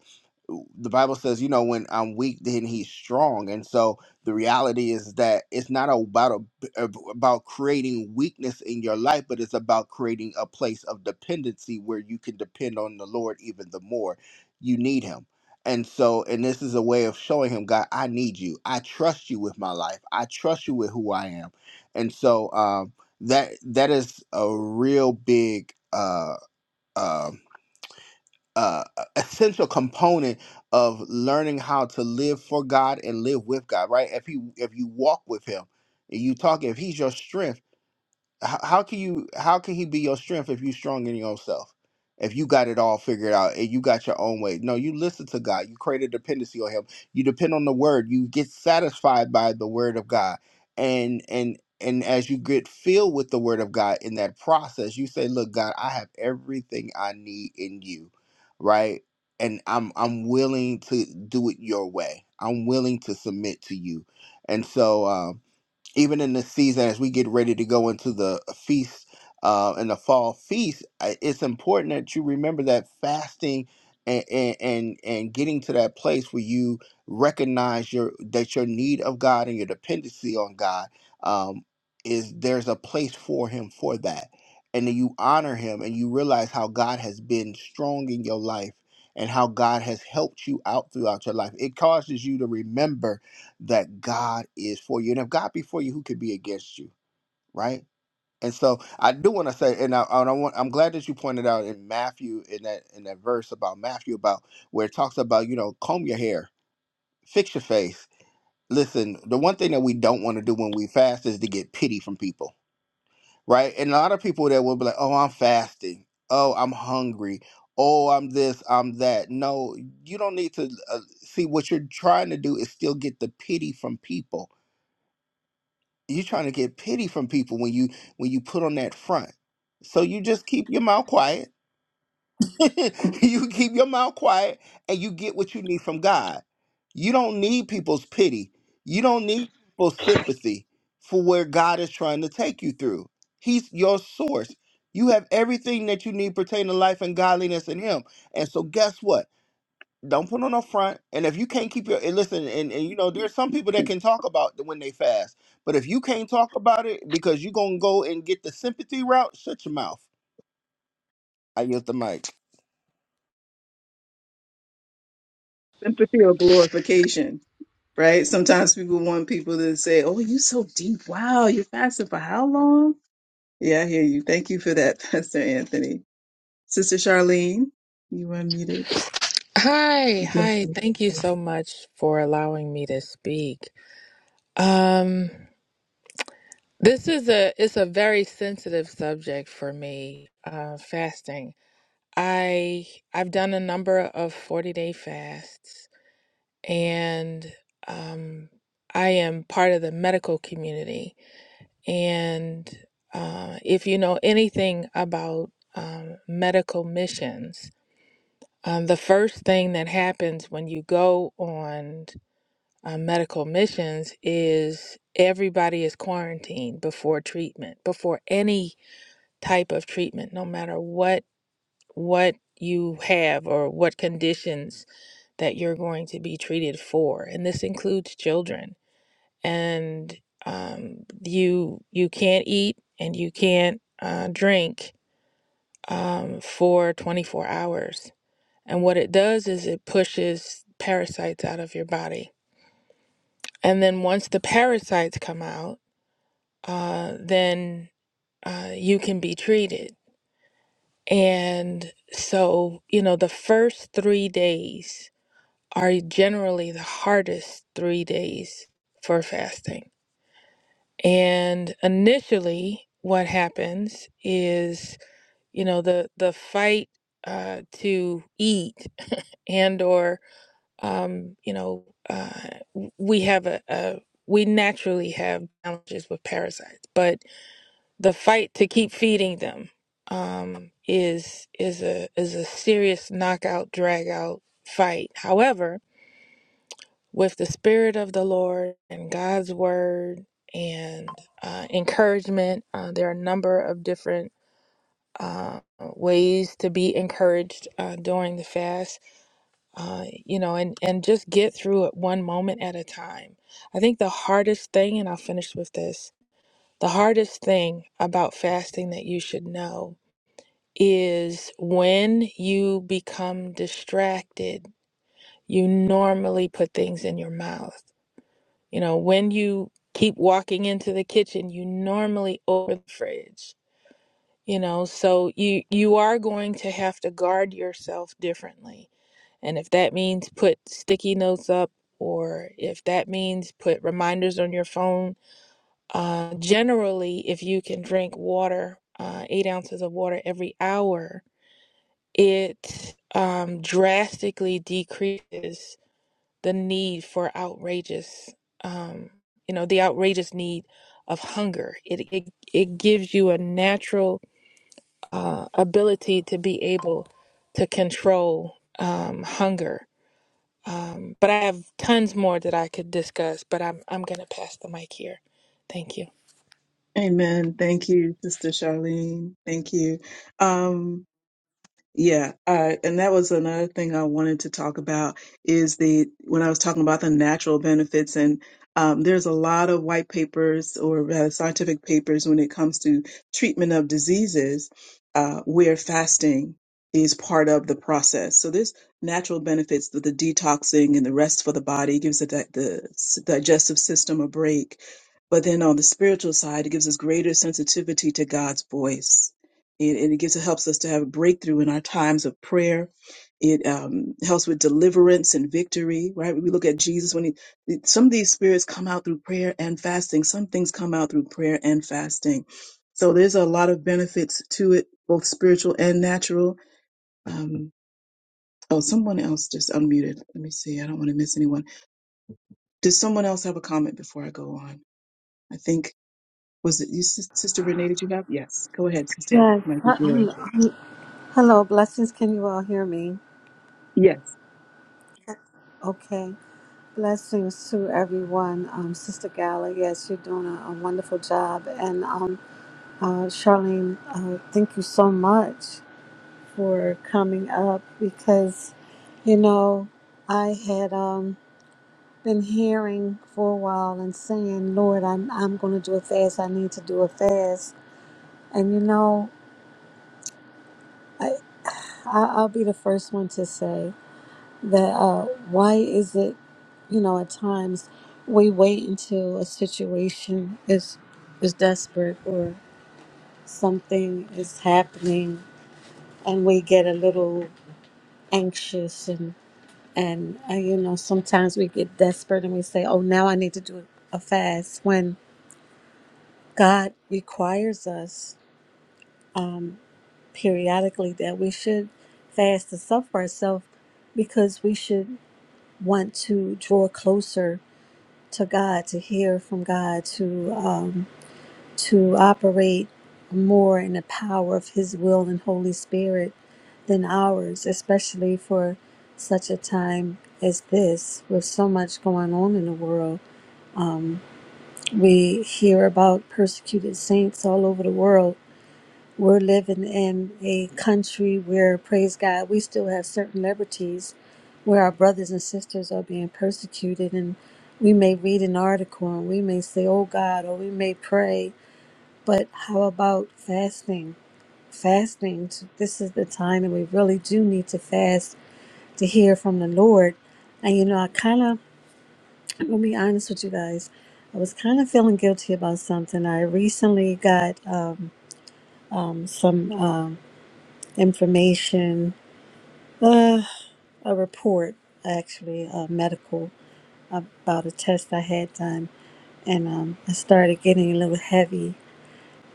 S4: the bible says you know when i'm weak then he's strong and so the reality is that it's not about a, about creating weakness in your life but it's about creating a place of dependency where you can depend on the lord even the more you need him and so, and this is a way of showing him, God, I need you. I trust you with my life. I trust you with who I am and so um, that that is a real big uh, uh, uh, essential component of learning how to live for God and live with God. Right? If he if you walk with Him, and you talk, if He's your strength how, how can you how can he be your strength if you strong in yourself if you got it all figured out and you got your own way no you listen to god you create a dependency on him you depend on the word you get satisfied by the word of god and and and as you get filled with the word of god in that process you say look god i have everything i need in you right and i'm i'm willing to do it your way i'm willing to submit to you and so um even in this season as we get ready to go into the feast uh, and the fall feast I- it's important that you remember that fasting and, and and and getting to that place where you recognize your that your need of god and your dependency on god um, is there's a place for him for that and then you honor him and you realize how god has been strong in your life and how god has helped you out throughout your life it causes you to remember that God is for you. And if God be for you, who could be against you, right? And so I do want to say, and I, and I want, I'm glad that you pointed out in Matthew in that in that verse about Matthew about where it talks about you know comb your hair, fix your face. Listen, the one thing that we don't want to do when we fast is to get pity from people, right? And a lot of people that will be like, oh, I'm fasting, oh, I'm hungry, oh, I'm this, I'm that. No, you don't need to uh, see what you're trying to do is still get the pity from people you're trying to get pity from people when you when you put on that front so you just keep your mouth quiet you keep your mouth quiet and you get what you need from god you don't need people's pity you don't need people's sympathy for where god is trying to take you through he's your source you have everything that you need pertaining to life and godliness in him and so guess what don't put on a front. And if you can't keep your and listen, and, and you know, there's some people that can talk about the- when they fast. But if you can't talk about it because you're gonna go and get the sympathy route, shut your mouth. I get the mic.
S3: Sympathy or glorification, right? Sometimes people want people to say, Oh, you so deep. Wow, you're fasting for how long? Yeah, I hear you. Thank you for that, Pastor Anthony. Sister Charlene, you unmuted.
S5: Hi,
S3: Bless
S5: hi.
S3: you.
S5: Thank you so much for allowing me to speak. Um, this is a it's a very sensitive subject for me, uh, fasting. I I've done a number of 40-day fasts and um I am part of the medical community and uh, if you know anything about um, medical missions, um, the first thing that happens when you go on uh, medical missions is everybody is quarantined before treatment before any type of treatment no matter what what you have or what conditions that you're going to be treated for and this includes children and um, you you can't eat and you can't uh, drink um, for 24 hours and what it does is it pushes parasites out of your body and then once the parasites come out uh, then uh, you can be treated. And so, you know, the first three days are generally the hardest three days for fasting. And initially, what happens is, you know, the the fight uh, to eat and or, um, you know, uh, w- we have a, a we naturally have challenges with parasites, but the fight to keep feeding them um, is is a is a serious knockout drag out fight. However, with the spirit of the Lord and God's word and uh, encouragement, uh, there are a number of different uh, ways to be encouraged uh, during the fast. Uh, you know, and and just get through it one moment at a time. I think the hardest thing, and I'll finish with this. The hardest thing about fasting that you should know is when you become distracted, you normally put things in your mouth. You know, when you keep walking into the kitchen, you normally open the fridge. You know, so you you are going to have to guard yourself differently. And if that means put sticky notes up or if that means put reminders on your phone, uh, generally, if you can drink water, uh, eight ounces of water every hour, It um, drastically decreases the need for outrageous, um, you know, the outrageous need of hunger. It it, it gives you a natural uh, ability to be able to control um, hunger. Um, but I have tons more that I could discuss, but I'm I'm gonna pass the mic here. Thank you.
S3: Amen. Thank you, Sister Charlene. Thank you. Um, Yeah, uh, and that was another thing I wanted to talk about is the when I was talking about the natural benefits, and um, there's a lot of white papers or rather scientific papers when it comes to treatment of diseases uh, where fasting is part of the process. So there's natural benefits to the detoxing and the rest for the body, It gives the, di- the s- digestive system a break. But then on the spiritual side, it gives us greater sensitivity to God's voice and, and it gives it helps us to have a breakthrough in our times of prayer. It um, helps with deliverance and victory, right? We look at Jesus when he, some of these spirits come out through prayer and fasting. Some things come out through prayer and fasting. So there's a lot of benefits to it, both spiritual and natural. Um, oh, someone else just unmuted. Let me see. I don't want to miss anyone. Does someone else have a comment before I go on? I think was it you, Sis- Sister Renee? Did you have? Yes. Go ahead, Sister.
S6: Yes.
S3: Mike is
S6: H- Hello,
S3: yours.
S6: hello, blessings. Can you all hear me?
S3: Yes.
S6: Okay. Blessings to everyone. Um, Sister Gala, yes, you're doing a, a wonderful job. And um, uh, Charlene, uh, thank you so much for coming up because, you know, I had um, been hearing for a while and saying, Lord, I'm, I'm going to do a fast. I need to do a fast. And, you know, I, I, I'll be the first one to say. that uh, why is it, you know, at times we wait until a situation is is desperate or something is happening and we get a little anxious and and uh, you know sometimes we get desperate and we say, oh, now I need to do a fast when God requires us um, periodically that we should fast and suffer ourselves because we should want to draw closer to God, to hear from God, to um, to operate more in the power of His will and Holy Spirit than ours, especially for such a time as this, with so much going on in the world. We hear about persecuted saints all over the world we're living in a country where, praise God, we still have certain liberties where our brothers and sisters are being persecuted. And we may read an article and we may say, oh God, or we may pray. But how about fasting? Fasting, t- this is the time that we really do need to fast to hear from the Lord. And you know, I kind of, I'm going to be honest with you guys. I was kind of feeling guilty about something. I recently got um, um, some um, information Uh, a report, actually, uh, medical, about a test I had done. And um, I started getting a little heavy.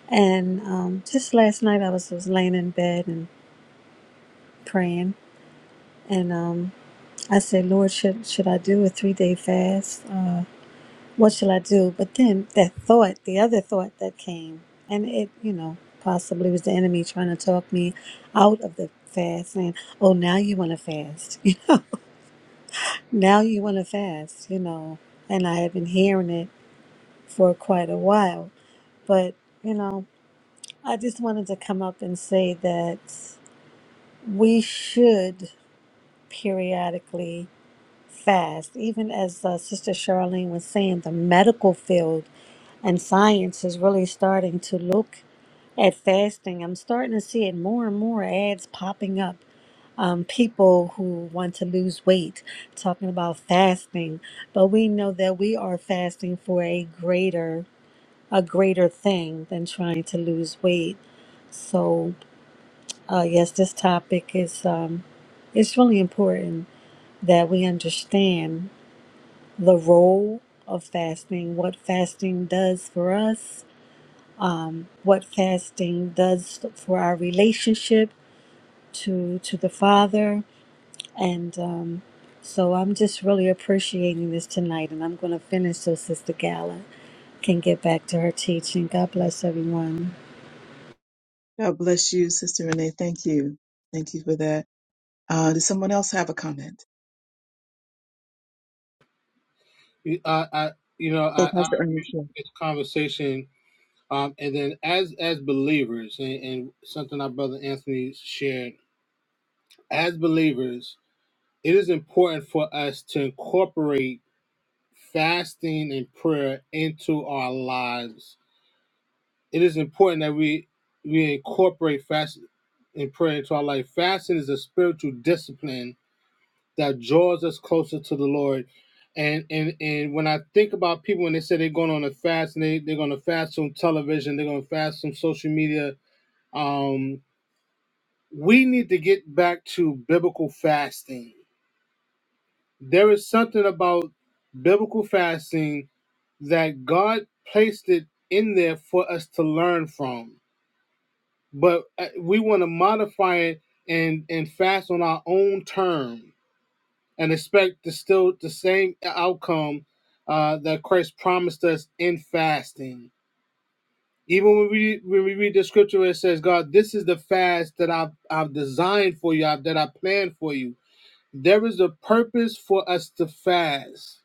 S6: And um, just last night, I was, was laying in bed and praying. And um, I said, Lord, should, should I do a three day fast? Uh, what shall I do? But then that thought, the other thought that came, and it, you know, possibly was the enemy trying to talk me out of the fast, saying, Oh, now you want to fast. Now you want to fast, you know, and I have been hearing it for quite a while. But, you know, I just wanted to come up and say that we should periodically fast. Even as uh, Sister Charlene was saying, the medical field and science is really starting to look at fasting. I'm starting to see it more and more ads popping up um, people who want to lose weight, talking about fasting. But we know that we are fasting for a greater, a greater thing than trying to lose weight. So, uh, yes, this topic is, um, it's really important that we understand the role of fasting, what fasting does for us, what fasting does for our relationship to to the Father, And um, so I'm just really appreciating this tonight, and I'm going to finish so Sister Gala can get back to her teaching. God bless everyone.
S3: God bless you, Sister Renee. Thank you. Thank you for that. Uh, does someone else have a comment?
S1: You- Uh, I, you know,
S3: Oh,
S1: I,
S3: Pastor Ernest. yeah.
S1: the conversation. Um, and then as as believers, and, and something our brother Anthony shared, as believers, it is important for us to incorporate fasting and prayer into our lives. It is important that we we incorporate fast and prayer into our life. Fasting is a spiritual discipline that draws us closer to the Lord. And and and when I think about people when they say they're going on a fast and they, they're gonna fast from television, they're gonna fast from social media, um, we need to get back to biblical fasting. There is something about biblical fasting that God placed it in there for us to learn from. But uh, we want to modify it and and fast on our own terms and expect the, still the same outcome uh, that Christ promised us in fasting. Even when we when we read the scripture, where it says, "God, this is the fast that I've I've designed for you, I've, that I planned for you." There is a purpose for us to fast.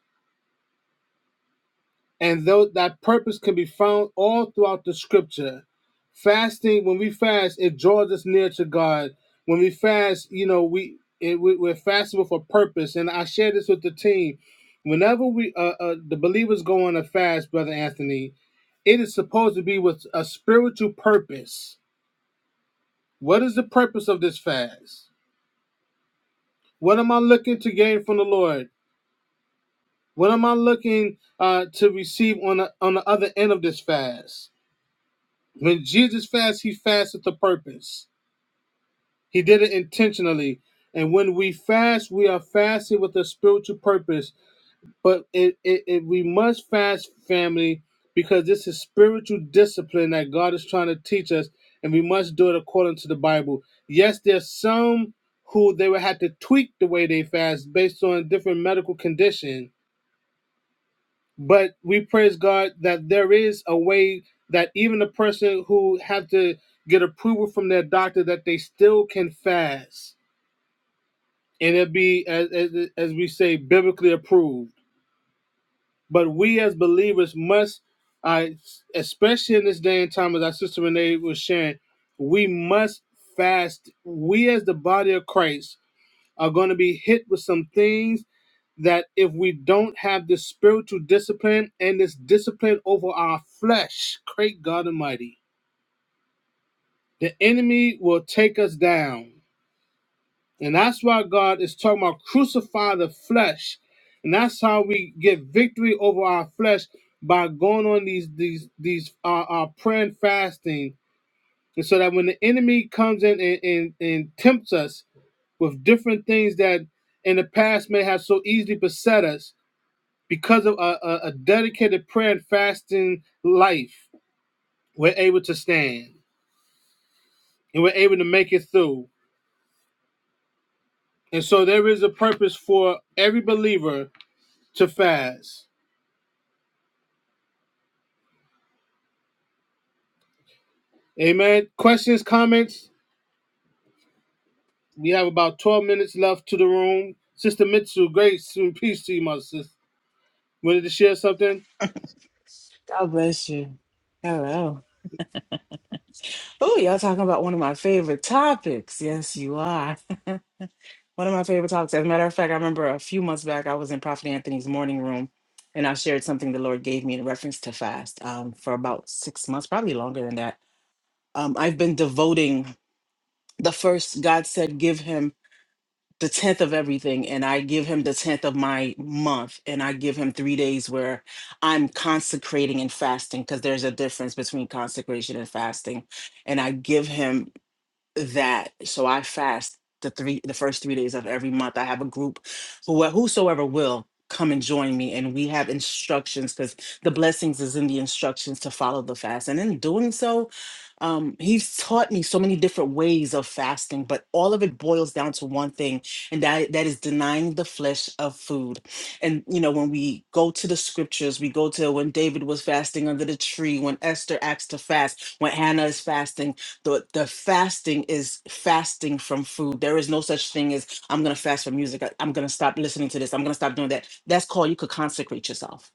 S1: and though that purpose can be found all throughout the scripture fasting when we fast it draws us near to god when we fast you know we, it, we we're fasting with a purpose and i share this with the team whenever we uh, uh the believers go on a fast brother anthony it is supposed to be with a spiritual purpose what is the purpose of this fast what am i looking to gain from the lord what am i looking uh to receive on the on the other end of this fast When Jesus fasts, he fasted with purpose. He did it intentionally. And when we fast, we are fasting with a spiritual purpose. But it, it, it we must fast, family, because this is spiritual discipline that God is trying to teach us, and we must do it according to the Bible. Yes, there's some who they will have to tweak the way they fast based on different medical conditions but we praise God that there is a way that even a person who had to get approval from their doctor that they still can fast and it be as as, as we say biblically approved. But we as believers must, uh, especially in this day and time, as our sister Renee was sharing, we must fast. We as the body of Christ are going to be hit with some things that if we don't have this spiritual discipline and this discipline over our flesh, great God Almighty, the enemy will take us down. And that's why God is talking about crucify the flesh. And that's how we get victory over our flesh by going on these these these uh, uh prayer and fasting. And so that when the enemy comes in and, and, and tempts us with different things that in the past may have so easily beset us, Because of a, a, a dedicated prayer and fasting life, we're able to stand and we're able to make it through. And so there is a purpose for every believer to fast. Amen. Questions, comments? We have about 12 minutes left to the room. Sister Mitsu, grace and peace to you, my sister. Wanted to share something?
S7: God bless you. Hello. Oh, y'all talking about one of my favorite topics. Yes, you are. One of my favorite topics. As a matter of fact, I remember a few months back, I was in Prophet Anthony's morning room and I shared something the Lord gave me in reference to fast um, for about six months, probably longer than that. Um, I've been devoting the first, God said, give him the tenth of everything and I give him the tenth of my month and I give him three days where I'm consecrating and fasting because there's a difference between consecration and fasting. And I give him that so i fast the three the first three days of every month i have a group who well, whosoever will come and join me and we have instructions because the blessings is in the instructions to follow the fast and in doing so um, he's taught me so many different ways of fasting but all of it boils down to one thing and that that is denying the flesh of food and you know when we go to the scriptures we go to when david was fasting under the tree when esther acts to fast when hannah is fasting the the fasting is fasting from food. There is no such thing as I'm gonna fast from music. I- am gonna stop listening to this. I'm gonna stop doing that. That's called you could consecrate yourself.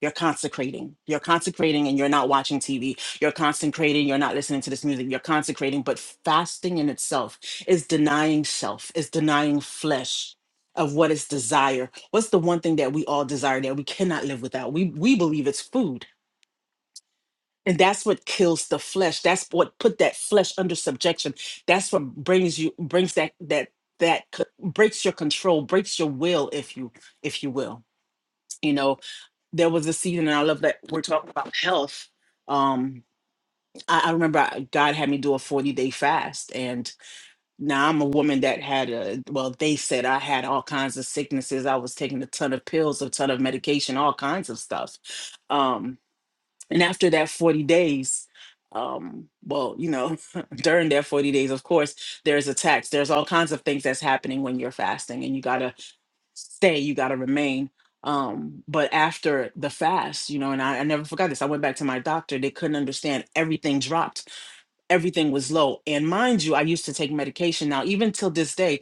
S7: You're consecrating. You're consecrating and you're not watching TV. You're consecrating. You're not listening to this music. You're consecrating. But fasting in itself is denying self, is denying flesh of what is desire. What's the one thing that we all desire that we cannot live without? We we believe it's food and that's what kills the flesh. That's what put that flesh under subjection. That's what brings you brings that that that c- breaks your control, breaks your will, if you if you will. You know, there was a season, and I love that we're talking about health. Um, I, I remember I- God had me do a forty day fast, and now I'm a woman that had a well. They said I had all kinds of sicknesses. I was taking a ton of pills, a ton of medication, all kinds of stuff. Um, and after that 40 days, um, well, you know, during that 40 days, of course, there's a tax. There's all kinds of things that's happening when you're fasting and you gotta stay, you gotta remain. Um, but after the fast, you know, and I, I never forgot this. I went back to my doctor, they couldn't understand everything dropped, everything was low. And mind you, I used to take medication. Now, even till this day,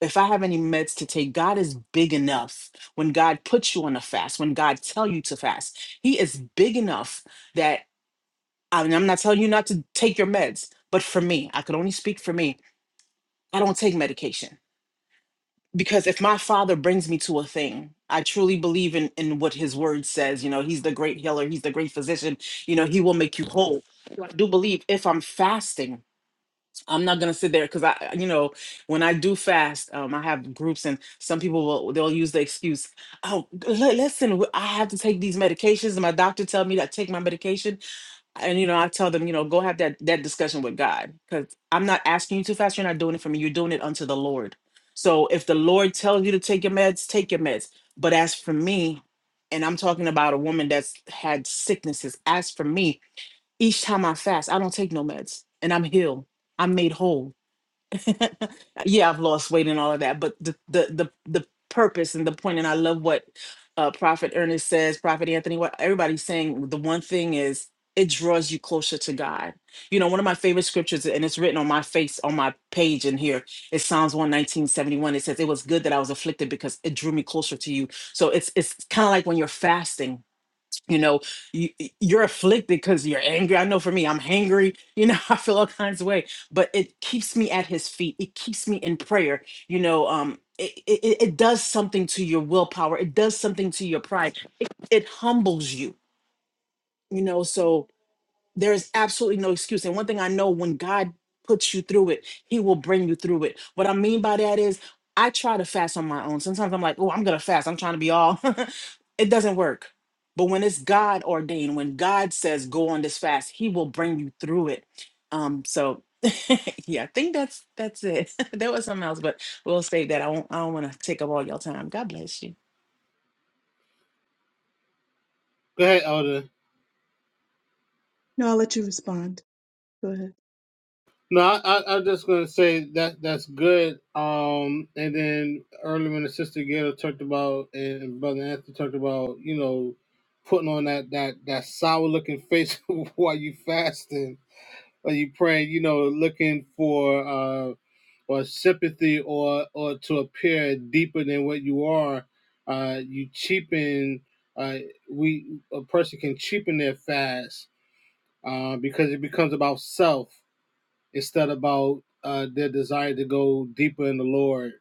S7: if I have any meds to take, God is big enough when God puts you on a fast, when God tell you to fast, He is big enough that I mean, I'm not telling you not to take your meds, but for me, I could only speak for me. I don't take medication because if my father brings me to a thing, I truly believe in in what his word says. You know, he's the great healer, he's the great physician. You know, he will make you whole. So I do believe if I'm fasting, I'm not gonna sit there because I, you know, when I do fast, um, I have groups and some people will they'll use the excuse, oh, li- listen, I have to take these medications, and my doctor tell me that I take my medication and you know i tell them you know go have that that discussion with god because i'm not asking you to fast you're not doing it for me you're doing it unto the lord so if the lord tells you to take your meds take your meds but as for me and i'm talking about a woman that's had sicknesses as for me each time i fast i don't take no meds and i'm healed i'm made whole yeah, I've lost weight and all of that, but the the the, the purpose and the point, and I love what uh, Prophet Ernest says, Prophet Anthony, what everybody's saying. The one thing is, it draws you closer to God. You know, one of my favorite scriptures, and it's written on my face on my page in here. It's Psalms one nineteen seventy one. It says, "It was good that I was afflicted because it drew me closer to you." So it's it's kind of like when you're fasting you know you, you're afflicted because you're angry i know for me i'm hangry you know i feel all kinds of way but it keeps me at his feet it keeps me in prayer you know um it, it, it it does something to your willpower it does something to your pride it humbles you you know so there is absolutely no excuse. And one thing I know when God puts you through it, He will bring you through it. What I mean by that is, I try to fast on my own. Sometimes I'm like, oh, I'm going to fast. I'm trying to be all. it doesn't work. But when it's God ordained, when God says go on this fast, He will bring you through it. Um, so yeah, I think that's that's it. there was something else, but we'll save that. I won't I don't want to take up all your time. God bless you.
S1: Go ahead, Elder.
S3: No, I'll let you respond. Go ahead.
S1: No, I, I, I'm just gonna say that that's good. Um, and then earlier when the sister Gail talked about and brother Anthony talked about, you know, putting on that that that sour looking face while you fasting or you praying, you know, looking for uh or sympathy or or to appear deeper than what you are. Uh, you cheapen. Uh, we a person can cheapen their fast uh, because it becomes about self instead about uh, their desire to go deeper in the Lord.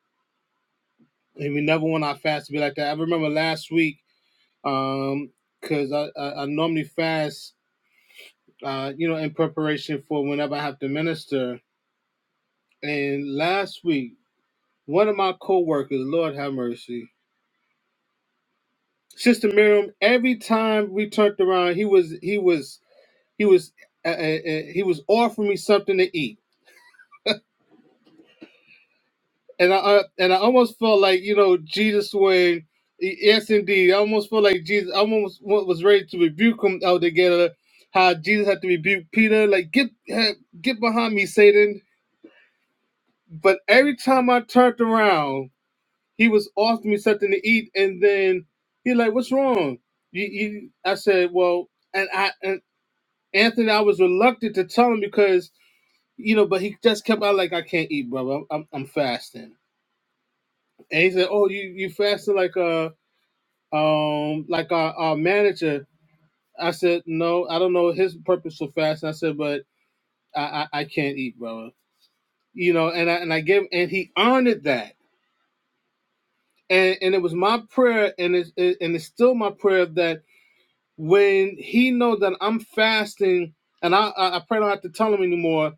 S1: And we never want our fast to be like that. I remember last week, um, because I, I, I normally fast, uh, you know, in preparation for whenever I have to minister. And last week, one of my co-workers, Lord have mercy, Sister Miriam. Every time we turned around, he was he was he was uh, uh, uh, he was offering me something to eat and I uh, and I almost felt like you know Jesus when e, yes indeed I almost felt like Jesus I almost wa- was ready to rebuke him out together how Jesus had to rebuke Peter like get eh, get behind me Satan but every time I turned around he was offering me something to eat and then he like what's wrong you, you I said well and I and Anthony I was reluctant to tell him because you know but he just kept out like I can't eat brother I'm I'm, I'm fasting and he said oh you you fasting like uh, um like our, our manager i said no i don't know his purpose for fasting i said but i i, I can't eat brother you know and i and i gave and he honored that and and it was my prayer and it's it, and it's still my prayer that when he knows that i'm fasting and i i, I pray I don't have to tell him anymore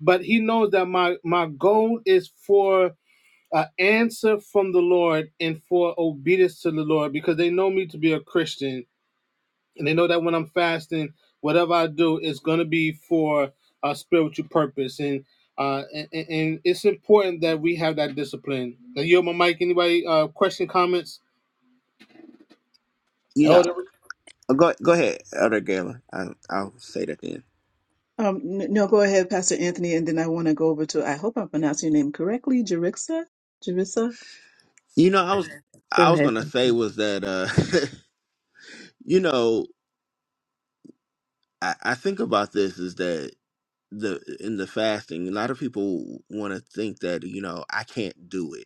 S1: but he knows that my my goal is for an answer from the lord and for obedience to the lord because they know me to be a christian and they know that when I'm fasting, whatever I do is going to be for a spiritual purpose, and uh, and, and it's important that we have that discipline. Now, you on my mic. Anybody uh, question, comments?
S4: You know,
S1: Elder,
S4: go go ahead, other Galen. I I'll say that then.
S3: Um, n- no, go ahead, Pastor Anthony, and then I want to go over to, I hope I'm pronouncing your name correctly, Jerixa? Jerissa?
S4: You know, I was Okay.
S3: Go
S4: I was
S3: ahead.
S4: gonna say was that uh you know, I, I think about this is that the in the fasting, a lot of people wanna think that, you know, I can't do it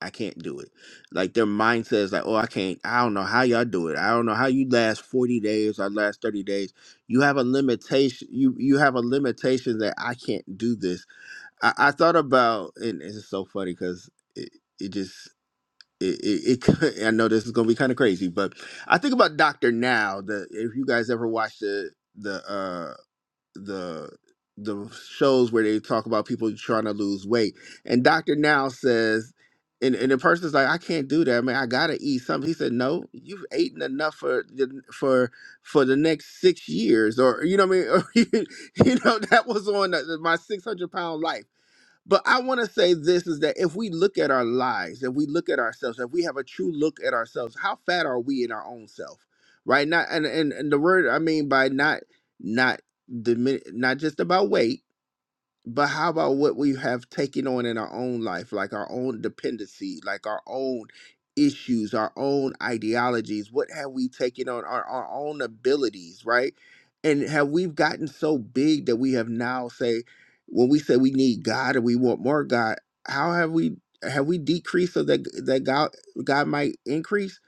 S4: I can't do it. Like their mindset is like, oh, I can't. I don't know how y'all do it. I don't know how you last forty days or last thirty days. You have a limitation. You you have a limitation that I can't do this. I, I thought about, and it's just so funny because it it just. It, it, it I know this is gonna be kind of crazy, but I think about Doctor Now. The if you guys ever watched the the uh, the the shows where they talk about people trying to lose weight. And Dr. Now says, and, and the person's like, I can't do that, man. I gotta eat something. He said, No, you've eaten enough for the- for for the next six years, or you know what I mean. Or, you know that was on the, my six hundred pound life. But I want to say this is that if we look at our lives, if we look at ourselves, if we have a true look at ourselves, how fat are we in our own self? Right? Not and and, and the word I mean by not not dimin- not just about weight, but how about what we have taken on in our own life, like our own dependency, like our own issues, our own ideologies? What have we taken on our, our own abilities, right? And have we gotten so big that we have now say, when we say we need God and we want more God, how have we have we decreased so that that God God might increase?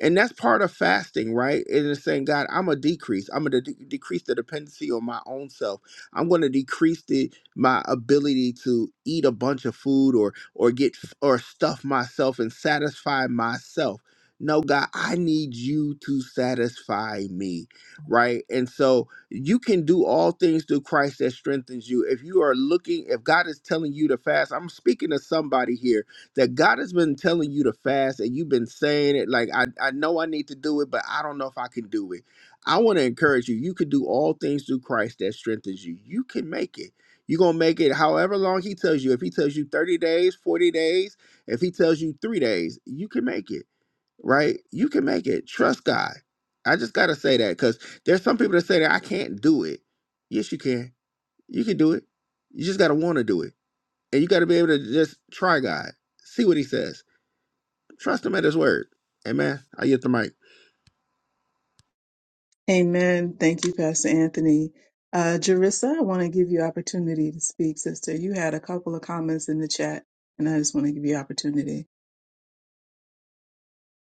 S4: And that's part of fasting, right? It is saying, God, I'm a decrease. I'm gonna de- decrease the dependency on my own self. I'm gonna decrease the my ability to eat a bunch of food or or get or stuff myself and satisfy myself no god i need you to satisfy me right and so you can do all things through christ that strengthens you if you are looking if god is telling you to fast i'm speaking to somebody here that god has been telling you to fast and you've been saying it like i, I know i need to do it but i don't know if i can do it i want to encourage you you can do all things through christ that strengthens you you can make it you're gonna make it however long he tells you. If he tells you 30 days, 40 days, if he tells you three days, you can make it, right? You can make it. Trust God. I just gotta say that because there's some people that say that I can't do it. Yes, you can. You can do it. You just gotta wanna do it. And you gotta be able to just try God. See what he says. Trust him at his word. Amen. I get the mic.
S3: Amen. Thank you, Pastor Anthony. Uh, Jerissa, I want to give you opportunity to speak, sister. You had a couple of comments in the chat, and I just want to give you opportunity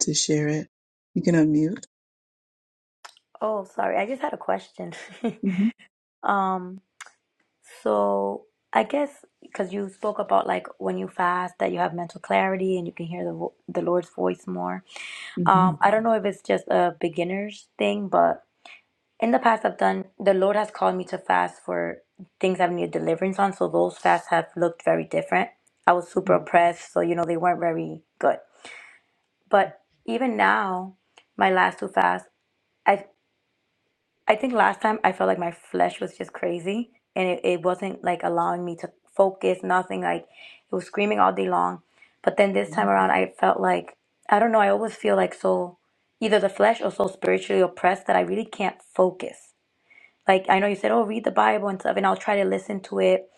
S3: to share it. You can unmute.
S8: Oh, sorry. I just had a question. Um, so I guess because you spoke about like when you fast that you have mental clarity and you can hear the vo the Lord's voice more.
S3: hmm
S8: Um, I don't know if it's just a beginner's thing, but in the past I've done the Lord has called me to fast for things I've needed deliverance on, so those fasts have looked very different. I was super oppressed, so you know they weren't very good. But even now, my last two fasts. I've. I think last time I felt like my flesh was just crazy and it, it wasn't like allowing me to focus, nothing. Like it was screaming all day long. But then this time around, I felt like, I don't know, I always feel like so either the flesh or so spiritually oppressed that I really can't focus. Like I know you said, oh, read the Bible and stuff, and I'll try to listen to it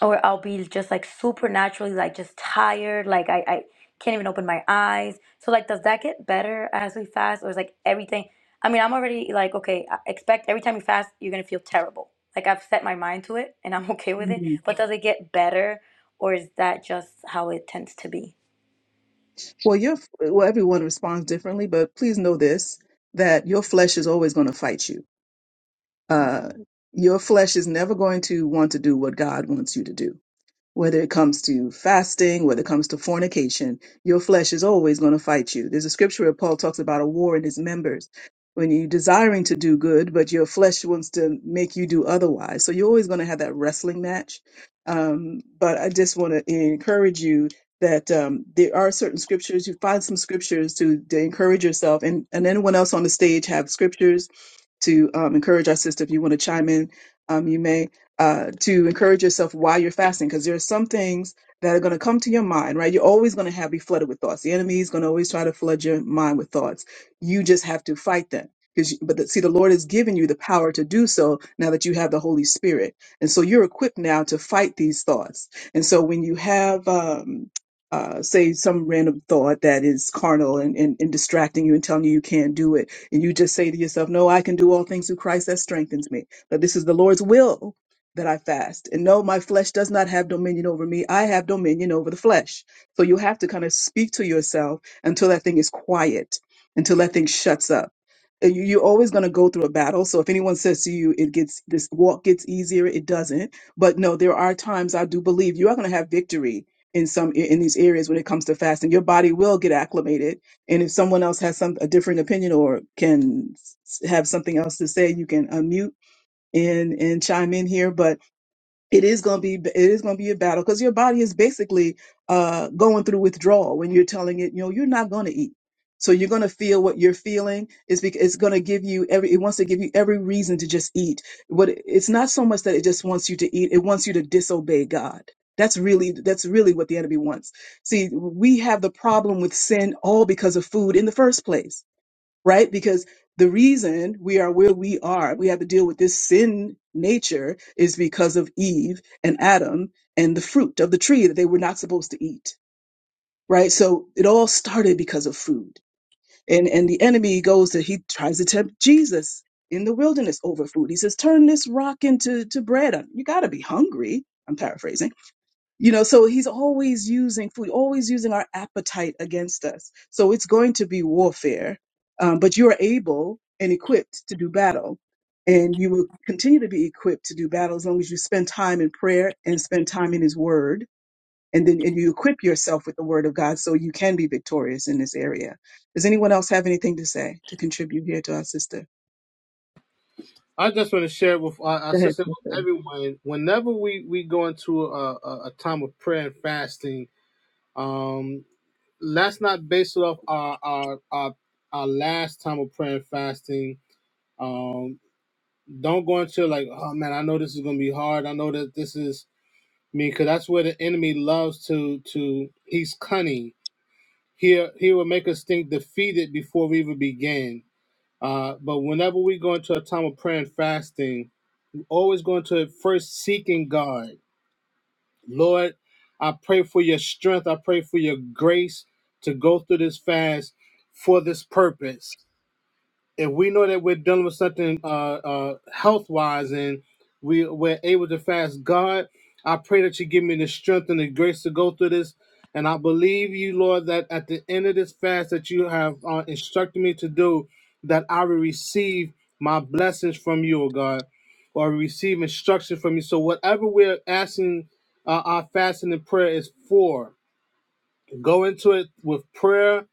S8: or I'll be just like supernaturally like just tired, like I, I can't even open my eyes. So like, does that get better as we fast, or is like everything? I mean, I'm already like okay. I expect every time you fast, you're gonna feel terrible. Like I've set my mind to it, and I'm okay with it.
S3: hmm
S8: But does it get better, or is that just how it tends to be?
S3: Well, your well, everyone responds differently, but please know this: that your flesh is always going to fight you.
S8: Mm.
S3: Uh, your flesh is never going to want to do what God wants you to do whether it comes to fasting, whether it comes to fornication, your flesh is always going to fight you. There's a scripture where Paul talks about a war in his members. When you're desiring to do good, but your flesh wants to make you do otherwise. So you're always going to have that wrestling match. Um, but I just want to encourage you that um, there are certain scriptures. You find some scriptures to, to encourage yourself, and, and anyone else on the stage have scriptures to um, encourage our sister. If you want to chime in, um, you may uh, to encourage yourself while you're fasting because there are some things that are going to come to your mind, right? You're always going to have be flooded with thoughts. The enemy is going to always try to flood your mind with thoughts. You just have to fight them. Because, but the, see, the Lord has given you the power to do so now that you have the Holy Spirit, and so you're equipped now to fight these thoughts. And so, when you have, um, uh, say, some random thought that is carnal and, and, and distracting you and telling you you can't do it, and you just say to yourself, "No, I can do all things through Christ that strengthens me." But this is the Lord's will that I fast. And no, my flesh does not have dominion over me. I have dominion over the flesh. So you have to kind of speak to yourself until that thing is quiet, until that thing shuts up. And you- You're always going to go through a battle. So if anyone says to you, it gets this walk gets easier, it doesn't. But no, there are times I do believe you are going to have victory in some in these areas when it comes to fasting. Your body will get acclimated, and if someone else has some a different opinion or can s- have something else to say, you can unmute and and chime in here. But it is going to be it is going to be a battle because your body is basically uh, going through withdrawal when you're telling it you know you're not going to eat so you're going to feel what you're feeling it's because it's going to give you every it wants to give you every reason to just eat what it- it's not so much that it just wants you to eat it wants you to disobey god that's really that's really what the enemy wants see we have the problem with sin all because of food in the first place right? Because the reason we are where we are, we have to deal with this sin nature is because of Eve and Adam and the fruit of the tree that they were not supposed to eat, right? So it all started because of food. And and the enemy goes to he tries to tempt Jesus in the wilderness over food. He says, "Turn this rock into to bread." You got to be hungry. I'm paraphrasing you know, so he's always using food, always using our appetite against us. So it's going to be warfare, um, but you are able and equipped to do battle. And you will continue to be equipped to do battle as long as you spend time in prayer and spend time in his word. And then and you equip yourself with the word of God so you can be victorious in this area. Does anyone else have anything to say to contribute here to our sister?
S1: I just want to share with our, our
S3: Go ahead,
S1: sister
S3: sister.
S1: everyone. Whenever we we go into a, a, a time of prayer and fasting, um, let's not base it off our our our, our last time of prayer and fasting. Um, don't go into like, oh man, I know this is gonna be hard. I know that this is I mean, 'cause that's where the enemy loves to to. He's cunning. He he will make us think defeated before we even begin. Uh, but whenever we go into a time of prayer and fasting, we always go into it first seeking God. Lord, I pray for your strength. I pray for your grace to go through this fast for this purpose if we know that we're dealing with something uh, uh, health wise and we, we're able to fast, God, I pray that you give me the strength and the grace to go through this. And I believe you, Lord, that at the end of this fast that you have uh, instructed me to do, that I will receive my blessings from you, oh God, or receive instruction from you. So whatever we're asking uh, our fasting and prayer is for, Go into it with prayer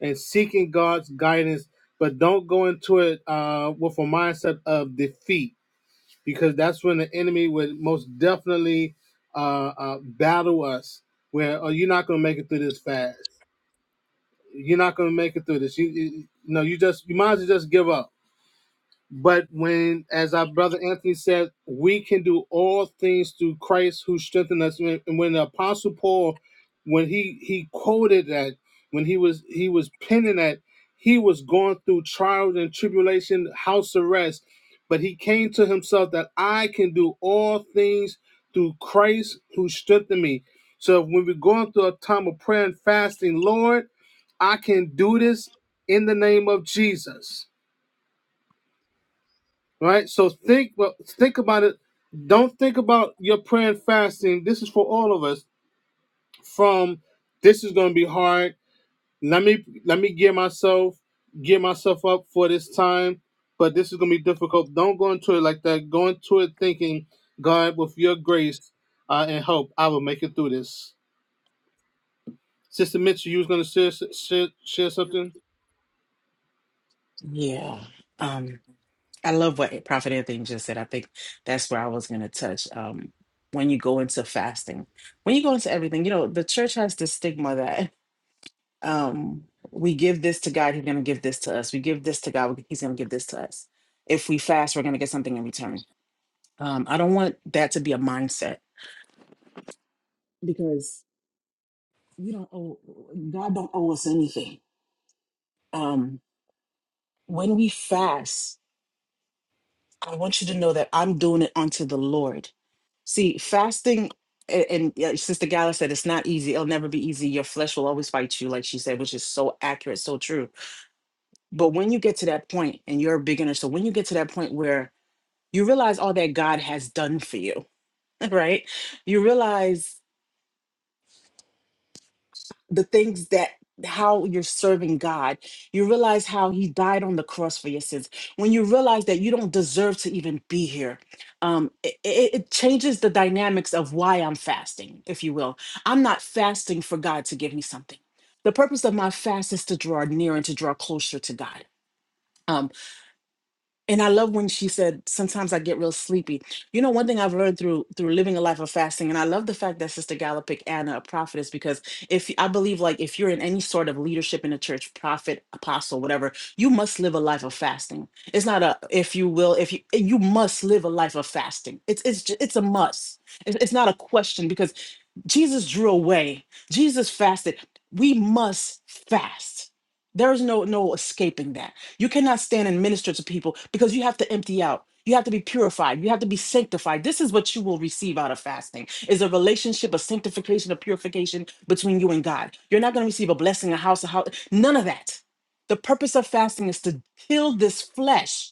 S1: and seeking God's guidance, but don't go into it uh, with a mindset of defeat because that's when the enemy would most definitely uh, uh, battle us. Where oh, you're not going to make it through this fast. You're not going to make it through this. You, you, no, you just you might as well just give up but when, as our brother Anthony said, we can do all things through Christ who strengthened us. When- And when the Apostle Paul, when he he quoted that, when he was he was penning that, he was going through trials and tribulation, house arrest, but he came to himself that I can do all things through Christ who strengthened me. So when we're going through a time of prayer and fasting, Lord, I can do this in the name of Jesus right? So think well, think about it. Don't think about your prayer and fasting. This is for all of us. From this is going to be hard. Let me let me gear myself gear myself up for this time, but this is going to be difficult. Don't go into it like that. Go into it thinking, God, with your grace uh, and help, I will make it through this. Sister Mitchell, you was going to share, share share something.
S7: Yeah. Um, I love what Prophet Anthony just said. I think that's where I was going to touch. Um, when you go into fasting, when you go into everything, you know, the church has this stigma that um, we give this to God, He's going to give this to us. We give this to God, He's going to give this to us. If we fast, we're going to get something in return. Um, I don't want that to be a mindset because we don't owe God don't owe us anything. Um, when we fast, I want you to know that I'm doing it unto the Lord See, fasting, a- and, yeah, Sister Gala said it's not easy. It'll never be easy. Your flesh will always fight you, like she said, which is so accurate, so true. But when you get to that point, and you're a beginner, so when you get to that point where you realize all that God has done for you, right? You realize. the things that how you're serving God. You realize how he died on the cross for your sins. When you realize that you don't deserve to even be here, um, it, it it changes the dynamics of why I'm fasting, if you will. I'm not fasting for God to give me something. The purpose of my fast is to draw near and to draw closer to God. Um, and I love when she said, sometimes I get real sleepy. You know, one thing I've learned through through living a life of fasting, and I love the fact that Sister Gala picked Anna a prophetess because if I believe like if you're in any sort of leadership in a church, prophet, apostle, whatever, you must live a life of fasting. It's not a if you will, if you you must live a life of fasting. It's it's ju- it's a must. It's, it's not a question because Jesus drew away. Jesus fasted. We must fast. There is no no escaping that. You cannot stand and minister to people because you have to empty out. You have to be purified. You have to be sanctified. This is what you will receive out of fasting is a relationship of sanctification, of purification between you and God. You're not going to receive a blessing, a house, a house, none of that. The purpose of fasting is to kill this flesh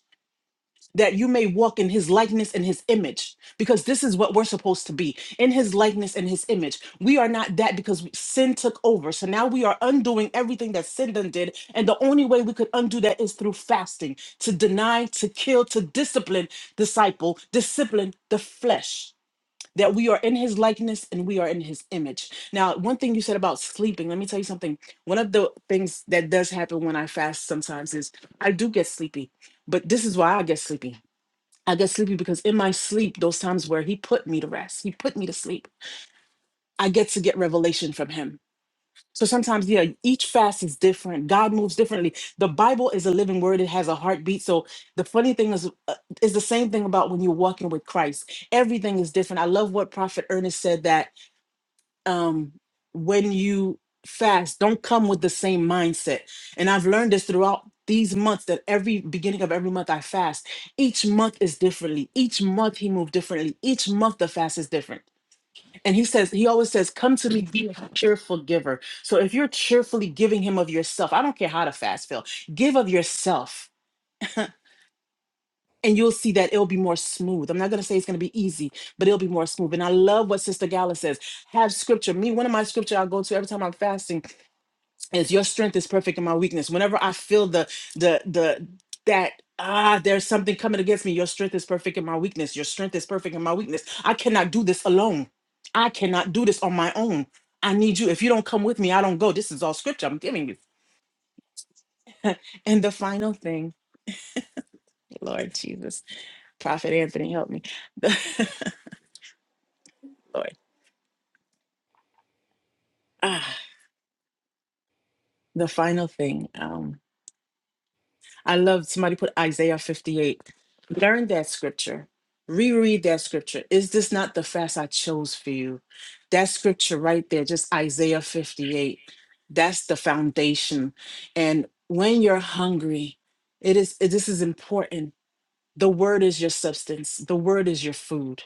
S7: that you may walk in his likeness and his image because this is what we're supposed to be in his likeness and his image we are not that because sin took over so now we are undoing everything that sin done did and the only way we could undo that is through fasting to deny to kill to discipline disciple discipline the flesh that we are in his likeness and we are in his image. Now, one thing you said about sleeping, let me tell you something. One of the things that does happen when I fast sometimes is I do get sleepy, but this is why I get sleepy I get sleepy because in my sleep, those times where he put me to rest, he put me to sleep, I get to get revelation from him. So sometimes, yeah, each fast is different. God moves differently. The Bible is a living word, it has a heartbeat. So the funny thing is, uh, is the same thing about when you're walking with Christ. Everything is different. I love what Prophet Ernest said that um, when you fast, don't come with the same mindset. And I've learned this throughout these months that every beginning of every month I fast. Each month is differently. Each month he moved differently. Each month the fast is different. And he says, he always says, come to me, be a cheerful giver. So if you're cheerfully giving him of yourself, I don't care how the fast feel, give of yourself. And you'll see that it'll be more smooth. I'm not gonna say it's gonna be easy, but it'll be more smooth. And I love what Sister Gala says. Have scripture. Me, one of my scripture I go to every time I'm fasting is your strength is perfect in my weakness whenever i feel the the the that ah there's something coming against me your strength is perfect in my weakness your strength is perfect in my weakness i cannot do this alone i cannot do this on my own i need you if you don't come with me i don't go this is all scripture i'm giving you and the final thing lord jesus prophet anthony help me lord ah the final thing Um. I love somebody put Isaiah 58. Learn that scripture. Reread that scripture. Is this not the fast I chose for you? That scripture right there, just Isaiah 58. That's the foundation. And when you're hungry, it is it- this is important. The word is your substance. The word is your food.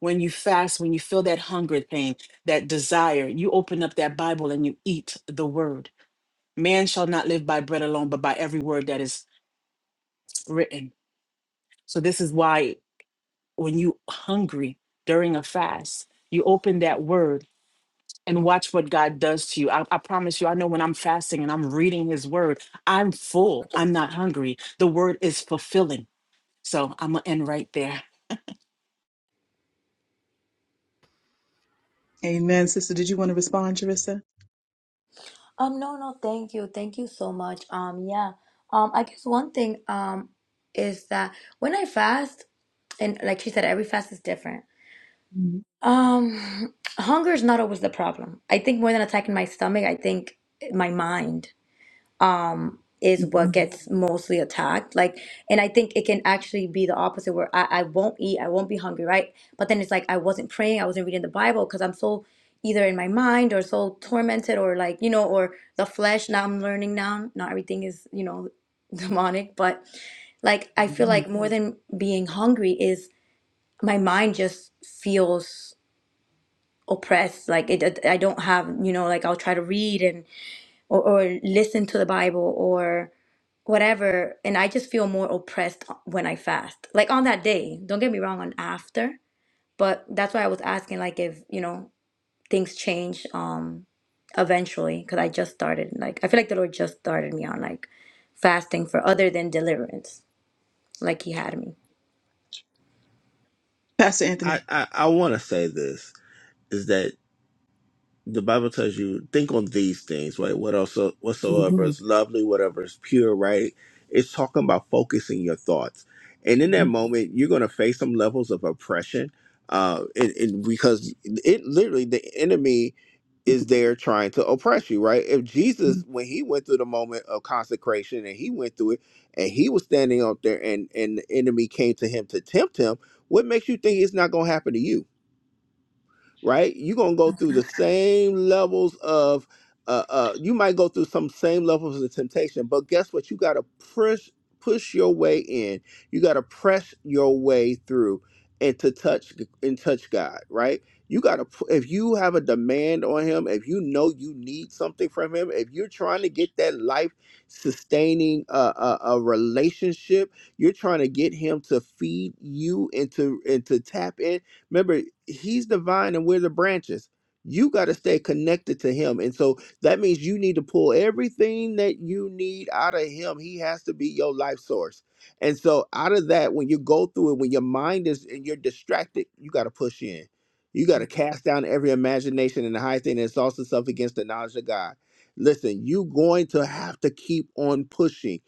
S7: When you fast, when you feel that hunger pain, that desire, you open up that Bible and you eat the word. Man shall not live by bread alone, but by every word that is written So this is why when you hungry during a fast, you open that word and watch what God does to you. I, I promise you, I know when I'm fasting and I'm reading his word, I'm full. I'm not hungry. The word is fulfilling. So I'm gonna end right there.
S3: Amen. Sister, did you want to respond, Jarissa?
S8: Um, no, no, thank you, thank you so much. Um, yeah. Um, I guess one thing um is that when I fast, and like she said, every fast is different.
S3: Mhm.
S8: Um, hunger is not always the problem. I think more than attacking my stomach, I think my mind is what
S3: Mhm.
S8: gets mostly attacked. Like, and I think it can actually be the opposite where I, I won't eat, I won't be hungry, right? But then it's like I wasn't praying, I wasn't reading the Bible because I'm so either in my mind or so tormented or like, you know, or the flesh. Now I'm learning now, not everything is, you know, demonic, but like I feel
S3: Mhm.
S8: like more than being hungry is my mind just feels oppressed like it i don't have you know like i'll try to read and or, or listen to the bible or whatever and i just feel more oppressed when i fast like on that day don't get me wrong on after but that's why i was asking like if you know things change um eventually because i just started like i feel like the lord just started me on like fasting for other than deliverance like he had me
S3: Pastor
S4: I,
S3: Anthony.
S4: I, I wanna say this is that the Bible tells you think on these things, right? What also whatsoever is lovely, whatever is pure, right? It's talking about focusing your thoughts. And in that
S3: Mhm.
S4: moment, you're gonna face some levels of oppression. Uh and, and because it literally the enemy is there trying to oppress you, right? If Jesus, when he went through the moment of consecration and he went through it and he was standing up there and, and the enemy came to him to tempt him, what makes you think it's not gonna happen to you? right? You're gonna go through the same levels of uh, uh you might go through some same levels of temptation, but guess what? You gotta push push your way in. You gotta press your way through and to touch and touch God, right? You gotta pu- if you have a demand on him, if you know you need something from him, if you're trying to get that life sustaining uh, uh, a relationship, you're trying to get him to feed you and to and to tap in Remember, he's the vine and we're the branches. You got to stay connected to him. And so that means you need to pull everything that you need out of him. He has to be your life source. And so out of that, when you go through it, when your mind is and you're distracted, you got to push in. You got to cast down every imagination and the high thing that exalts itself against the knowledge of God. Listen, you going to have to keep on pushing.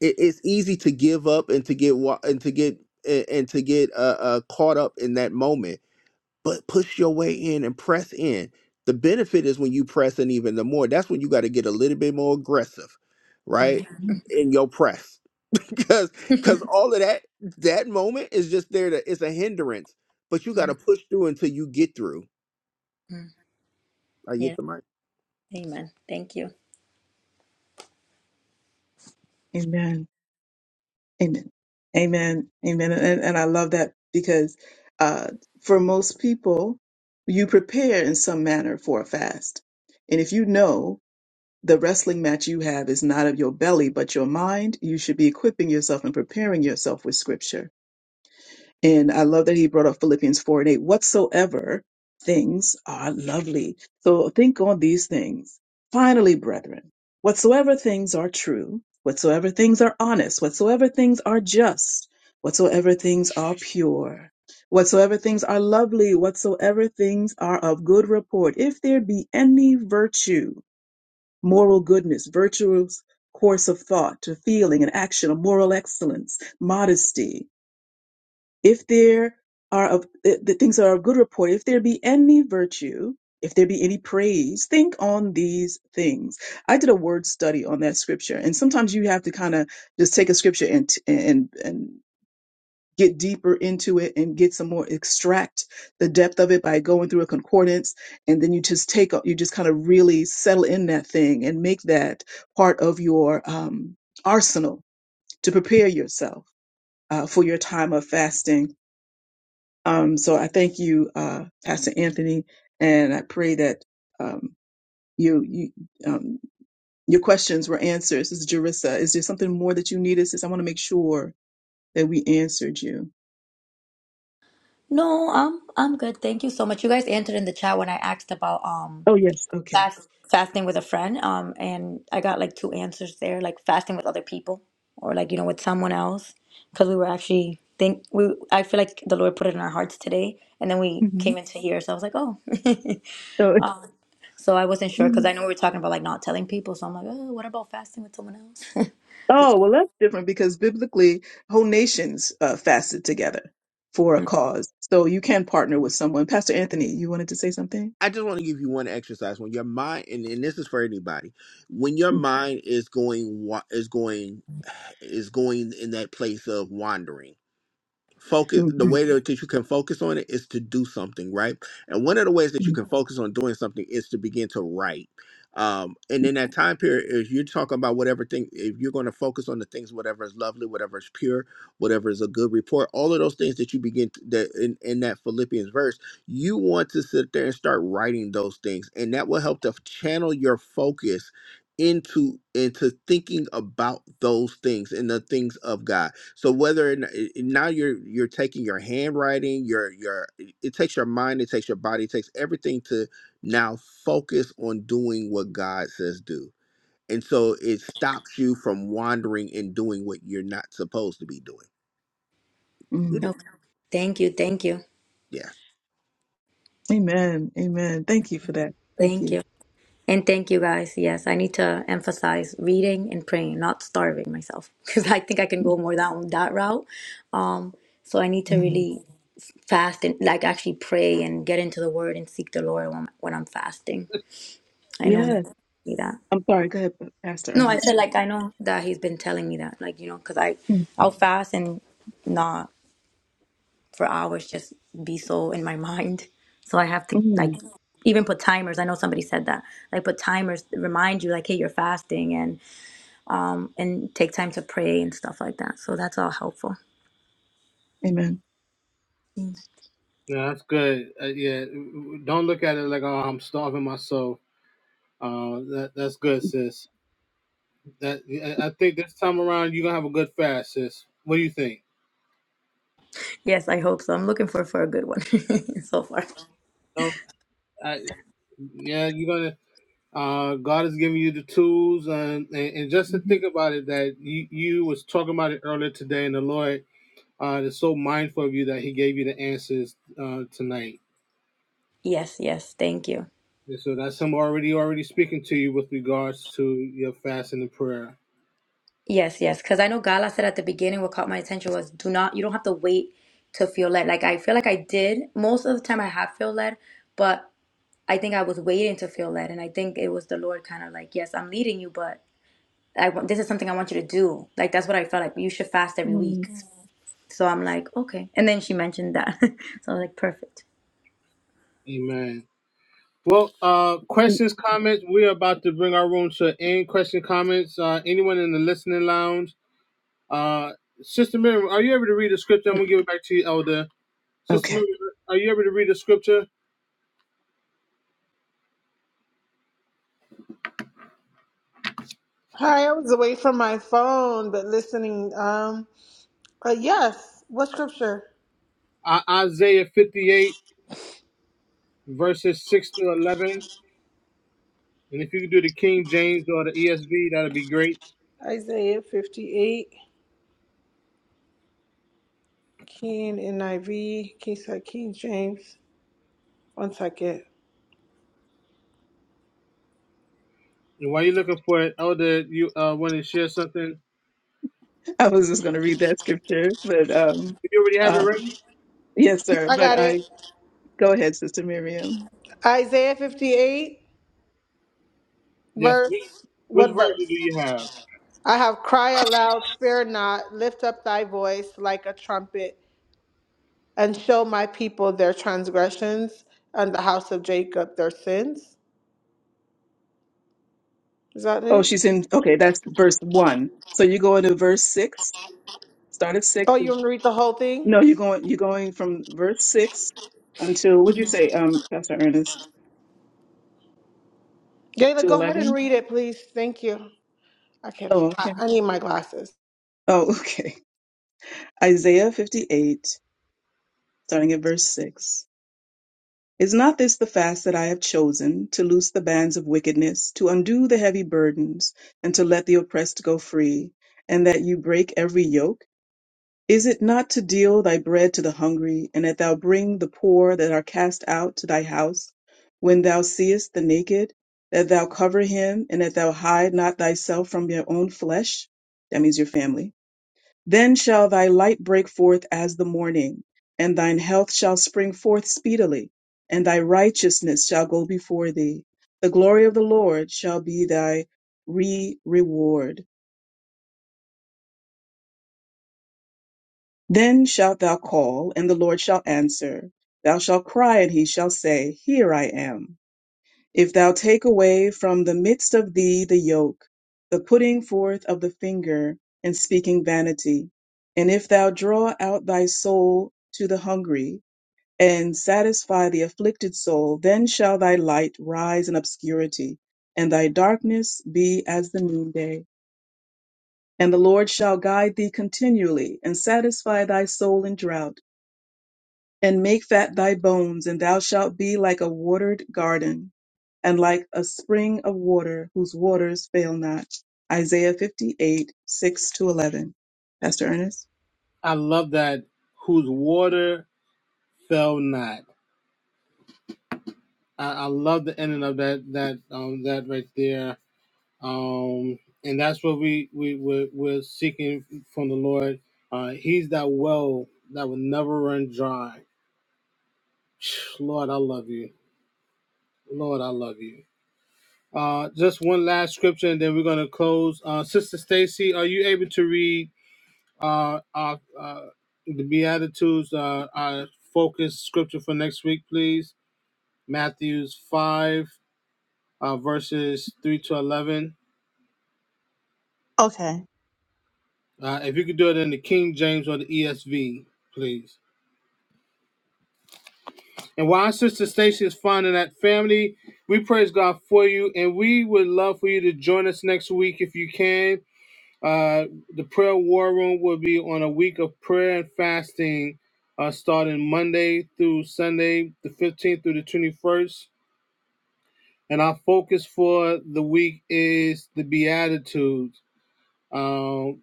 S4: It, it's easy to give up and to get wa- and to get and and to get uh, uh, caught up in that moment but push your way in and press in. The benefit is when you press in even the more. That's when you got to get a little bit more aggressive,
S8: Mm.
S4: right? In your press. Because because all of that that moment is just there to it's a hindrance. But you gotta push through until you get through.
S8: Mm.
S4: I get
S8: Yes.
S4: the mic.
S8: Amen. Thank you.
S3: Amen. Amen. Amen. Amen. And, and I love that because uh, for most people, you prepare in some manner for a fast. And if you know the wrestling match you have is not of your belly, but your mind, you should be equipping yourself and preparing yourself with scripture And I love that he brought up Philippians 4 and 8. Whatsoever things are lovely. So think on these things. Finally, brethren, whatsoever things are true, whatsoever things are honest, whatsoever things are just, whatsoever things are pure, whatsoever things are lovely, whatsoever things are of good report, if there be any virtue, moral goodness, virtuous course of thought, to feeling and action, of moral excellence, modesty, if there are of the the things that are of good report, if there be any virtue, if there be any praise, think on these things. I did a word study on that scripture, and sometimes you have to kind of just take a scripture and and and get deeper into it and get some more extract the depth of it by going through a concordance and then you just take you just kind of really settle in that thing and make that part of your um, arsenal to prepare yourself uh, for your time of fasting um, so I thank you, uh, Pastor Anthony, and I pray that um, you, you um, your questions were answered. This is Jarissa. Is there something more that you needed? Since I want to make sure that we answered you.
S8: No, I'm I'm good. Thank you so much. You guys answered in the chat when I asked about um
S3: Oh yes, okay.
S8: fast fasting with a friend um and i got like two answers there like fasting with other people or like you know with someone else because we were actually think we i feel like the lord put it in our hearts today and then we
S3: hmm
S8: came into here so i was like oh
S3: So,
S8: um so i wasn't sure because i know we were talking about like not telling people so i'm like oh what about fasting with someone else
S3: oh well, that's different because biblically, whole nations uh, fasted together for a cause. So you can partner with someone. Pastor Anthony, you wanted to say something.
S4: I just want to give you one exercise when your mind and, and this is for anybody. When your mind is going wa- is going is going in that place of wandering focus the
S3: Mm-hmm.
S4: way that that you can focus on it is to do something right and one of the ways that you can focus on doing something is to begin to write um, and in that time period if you're talking about whatever thing if you're going to focus on the things whatever is lovely whatever is pure whatever is a good report all of those things that you begin to, that in, in that philippians verse you want to sit there and start writing those things and that will help to channel your focus into into thinking about those things and the things of god so whether or n- i- i- now you're you're taking your handwriting, your your it it takes your mind, it takes your body, it takes everything to now focus on doing what God says do. And so it stops you from wandering and doing what you're not supposed to be doing. Get it?
S8: okay thank you thank you
S4: Yeah.
S3: Amen. Amen. Thank you for that. Thank
S8: thank
S3: you.
S8: you And thank you guys. Yes, I need to emphasize reading and praying, not starving myself, because I think I can go more down that route. Um, so I need to really fast and like actually pray and get into the Word and seek the Lord when, when I'm fasting. I know He
S3: Yes.
S8: told me that.
S3: I'm sorry. Go ahead, Pastor
S8: No, I feel
S3: Ernest.
S8: like I know that He's been telling me that, like you know, because I
S3: Mm.
S8: I'll fast and not for hours, just be so in my mind. So I have to like
S3: Mm.
S8: even put timers. I know somebody said that. Like put timers, remind you like, hey, you're fasting um, and take time to pray and stuff like that. So that's all helpful.
S3: Amen.
S8: Mm.
S1: Yeah, that's good. Uh, yeah, don't look at it like oh, I'm starving myself. Uh, that that's good, sis. That I I think this time around you're gonna have a good fast, sis. What do you think?
S8: Yes, I hope so. I'm looking for for a good one so far.
S1: No, I, yeah, you're gonna. Uh, God has given you the tools, and, and and just to
S3: Mhm.
S1: think about it, that you you was talking about it earlier today, and the Lord uh, is so mindful of you that He gave you the answers uh, tonight.
S8: Yes, yes. Thank you.
S1: And so that's Him already already speaking to you with regards to your fasting and prayer.
S8: Yes, yes. Because I know Gala said at the beginning what caught my attention was do not, you don't have to wait to feel led. Like I feel like I did. Most of the time I have feel led, but I think I was waiting to feel led. And I think it was the Lord kind of like, yes, I'm leading you, but I want, this is something I want you to do. Like that's what I felt like. You should fast every
S3: Mm.
S8: week. Mm. So I'm like, okay. And then she mentioned that. So I was like, perfect.
S1: Amen. Well, uh, questions, comments. We're about to bring our room to an end. Question, comments. Uh, anyone in the listening lounge? Uh, Sister Miriam, are you able to read the scripture? I'm gonna give it back to you, Elder. Sister Miriam,
S3: Okay.
S1: are you able to read the scripture?
S9: Hi, I was away from my phone, but listening. Um, but yes, what scripture?
S1: Uh, Isaiah 58 verses 6 to 11. And if you could do the King James or the ESV, that'd be great.
S9: Isaiah 58, King NIV, King Side King James. One second.
S1: And while you're looking for it, Elder, you uh want to share something?
S3: I was just going to read that scripture, but um,
S1: If you already have it
S3: uh,
S1: ready,
S3: yes, sir.
S9: I
S3: But
S9: got it.
S3: I go ahead, Sister Miriam.
S9: Isaiah 58,
S1: yes. Which,
S9: verse,
S1: which
S9: what
S1: version
S9: verse?
S1: do you have?
S9: I have cried aloud, spare not, lift up thy voice like a trumpet, and show my people their transgressions and the house of Jacob their sins. Is that
S3: Oh,
S9: it?
S3: she's in. Okay, that's verse one. So you go into verse six. Start at
S9: Oh,
S3: six.
S9: you want me to read the whole thing?
S3: No, you're going you're going from verse six until what'd you say, um, Pastor Ernest?
S9: Gayla,
S3: To
S9: go ahead and
S3: eleven?
S9: read it, please. Thank you. I can't.
S3: Oh,
S9: I,
S3: okay.
S9: I need my glasses.
S3: Oh, okay. Isaiah fifty eight, starting at verse six. Is not this the fast that I have chosen, to loose the bands of wickedness, to undo the heavy burdens, and to let the oppressed go free, and that you break every yoke? Is it not to deal thy bread to the hungry, and that thou bring the poor that are cast out to thy house, when thou seest the naked, that thou cover him, and that thou hide not thyself from your own flesh? That means your family. Then shall thy light break forth as the morning, and thine health shall spring forth speedily, and thy righteousness shall go before thee. The glory of the Lord shall be thy re reward. Then shalt thou call, and the Lord shall answer. Thou shalt cry, and he shall say, Here I am. If thou take away from the midst of thee the yoke, the putting forth of the finger, and speaking vanity, and if thou draw out thy soul to the hungry, and satisfy the afflicted soul, then shall thy light rise in obscurity, and thy darkness be as the noonday. And the Lord shall guide thee continually, and satisfy thy soul in drought and make fat thy bones, and thou shalt be like a watered garden, and like a spring of water whose waters fail not. Isaiah 58, 6 to 11. Pastor Ernest,
S1: I love that. Whose water fell not. I, I love the ending of that that um that right there. um, and that's what we we we're, we're seeking from the Lord. Uh, he's that well that will never run dry. Lord, I love you. Lord, I love you. Uh, just one last scripture, and then we're gonna close. Uh, Sister Stacy, are you able to read uh, our, uh, the Beatitudes, uh, our focus scripture for next week, please? Matthew's five, uh, verses three to eleven.
S2: Okay.
S1: Uh, if you could do it in the King James or the ESV, please. And while Sister Stacy is finding that family, we praise God for you. And we would love for you to join us next week if you can. Uh, the prayer war room will be on a week of prayer and fasting uh, starting Monday through Sunday, the 15th through the 21st. And our focus for the week is the Beatitudes, um,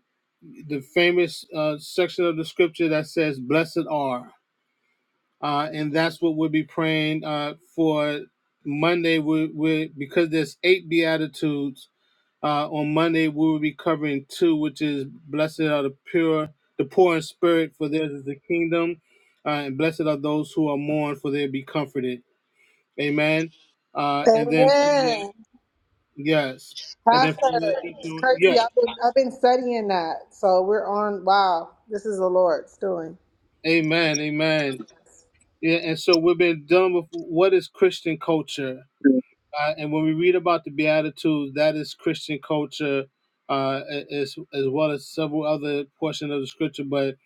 S1: the famous uh, section of the scripture that says, Blessed are uh, and that's what we'll be praying uh, for Monday. We, we because there's eight beatitudes uh, on Monday. We will be covering two, which is blessed are the pure, the poor in spirit, for theirs is the kingdom, uh, and blessed are those who are mourned, for they'll be comforted. Amen. Uh, and then from there,
S9: Amen.
S1: yes, and then
S9: Pastor,
S1: from there,
S9: it's
S1: into- yeah,
S9: crazy. I've been I've been studying that. So we're on wow, this is the Lord's doing.
S1: Amen, Amen. Yeah, and so we've been dealing with what is Christian culture uh, and when we read about the Beatitudes, that is Christian culture, uh, as as well as several other portions of the Scripture. But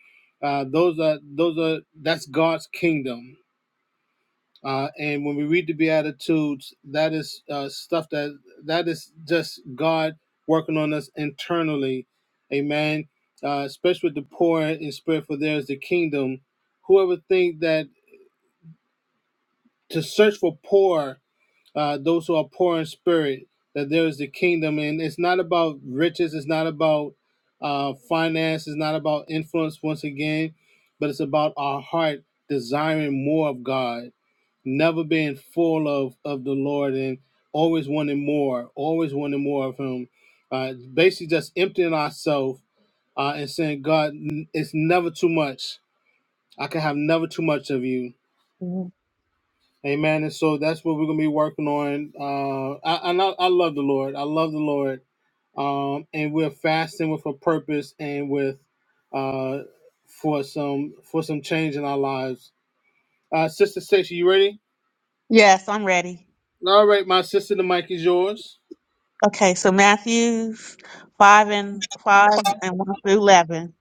S1: uh, those are those are that's God's kingdom. Uh, and when we read the Beatitudes, that is uh, stuff that that is just God working on us internally, Amen. Uh, especially with the poor in spirit, for there is the kingdom. Whoever think that to search for poor uh, those who are poor in spirit, that there is the kingdom. And it's not about riches, it's not about uh, finance, it's not about influence once again, but it's about our heart desiring more of God, never being full of, of the Lord and always wanting more, always wanting more of Him. Uh, basically, just emptying ourselves uh, and saying, God, n- it's never too much. I can have never too much of you
S2: Mhm.
S1: Amen. And so that's what we're gonna be working on. Uh, I, and I I love the Lord. I love the Lord. Um, and we're fasting with a purpose and with uh for some for some change in our lives. Uh, sister Stacey, you ready?
S2: Yes, I'm ready.
S1: All right, my sister, the mic is yours.
S2: Okay, so Matthews five and five and one through eleven.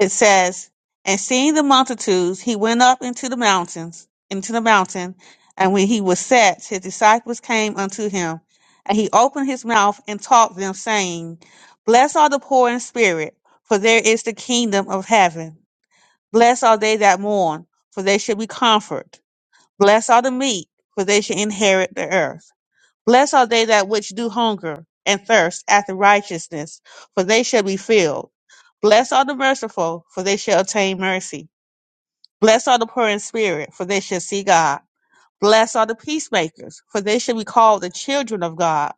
S2: It says, And seeing the multitudes, he went up into the mountains, into the mountain, and when he was set, his disciples came unto him, and he opened his mouth and taught them, saying, Blessed are the poor in spirit, for there is the kingdom of heaven. Blessed are they that mourn, for they shall be comforted. Blessed are the meek, for they shall inherit the earth. Blessed are they that which do hunger and thirst after righteousness, for they shall be filled. Blessed are the merciful, for they shall obtain mercy. Blessed are the poor in spirit, for they shall see God. Blessed are the peacemakers, for they shall be called the children of God.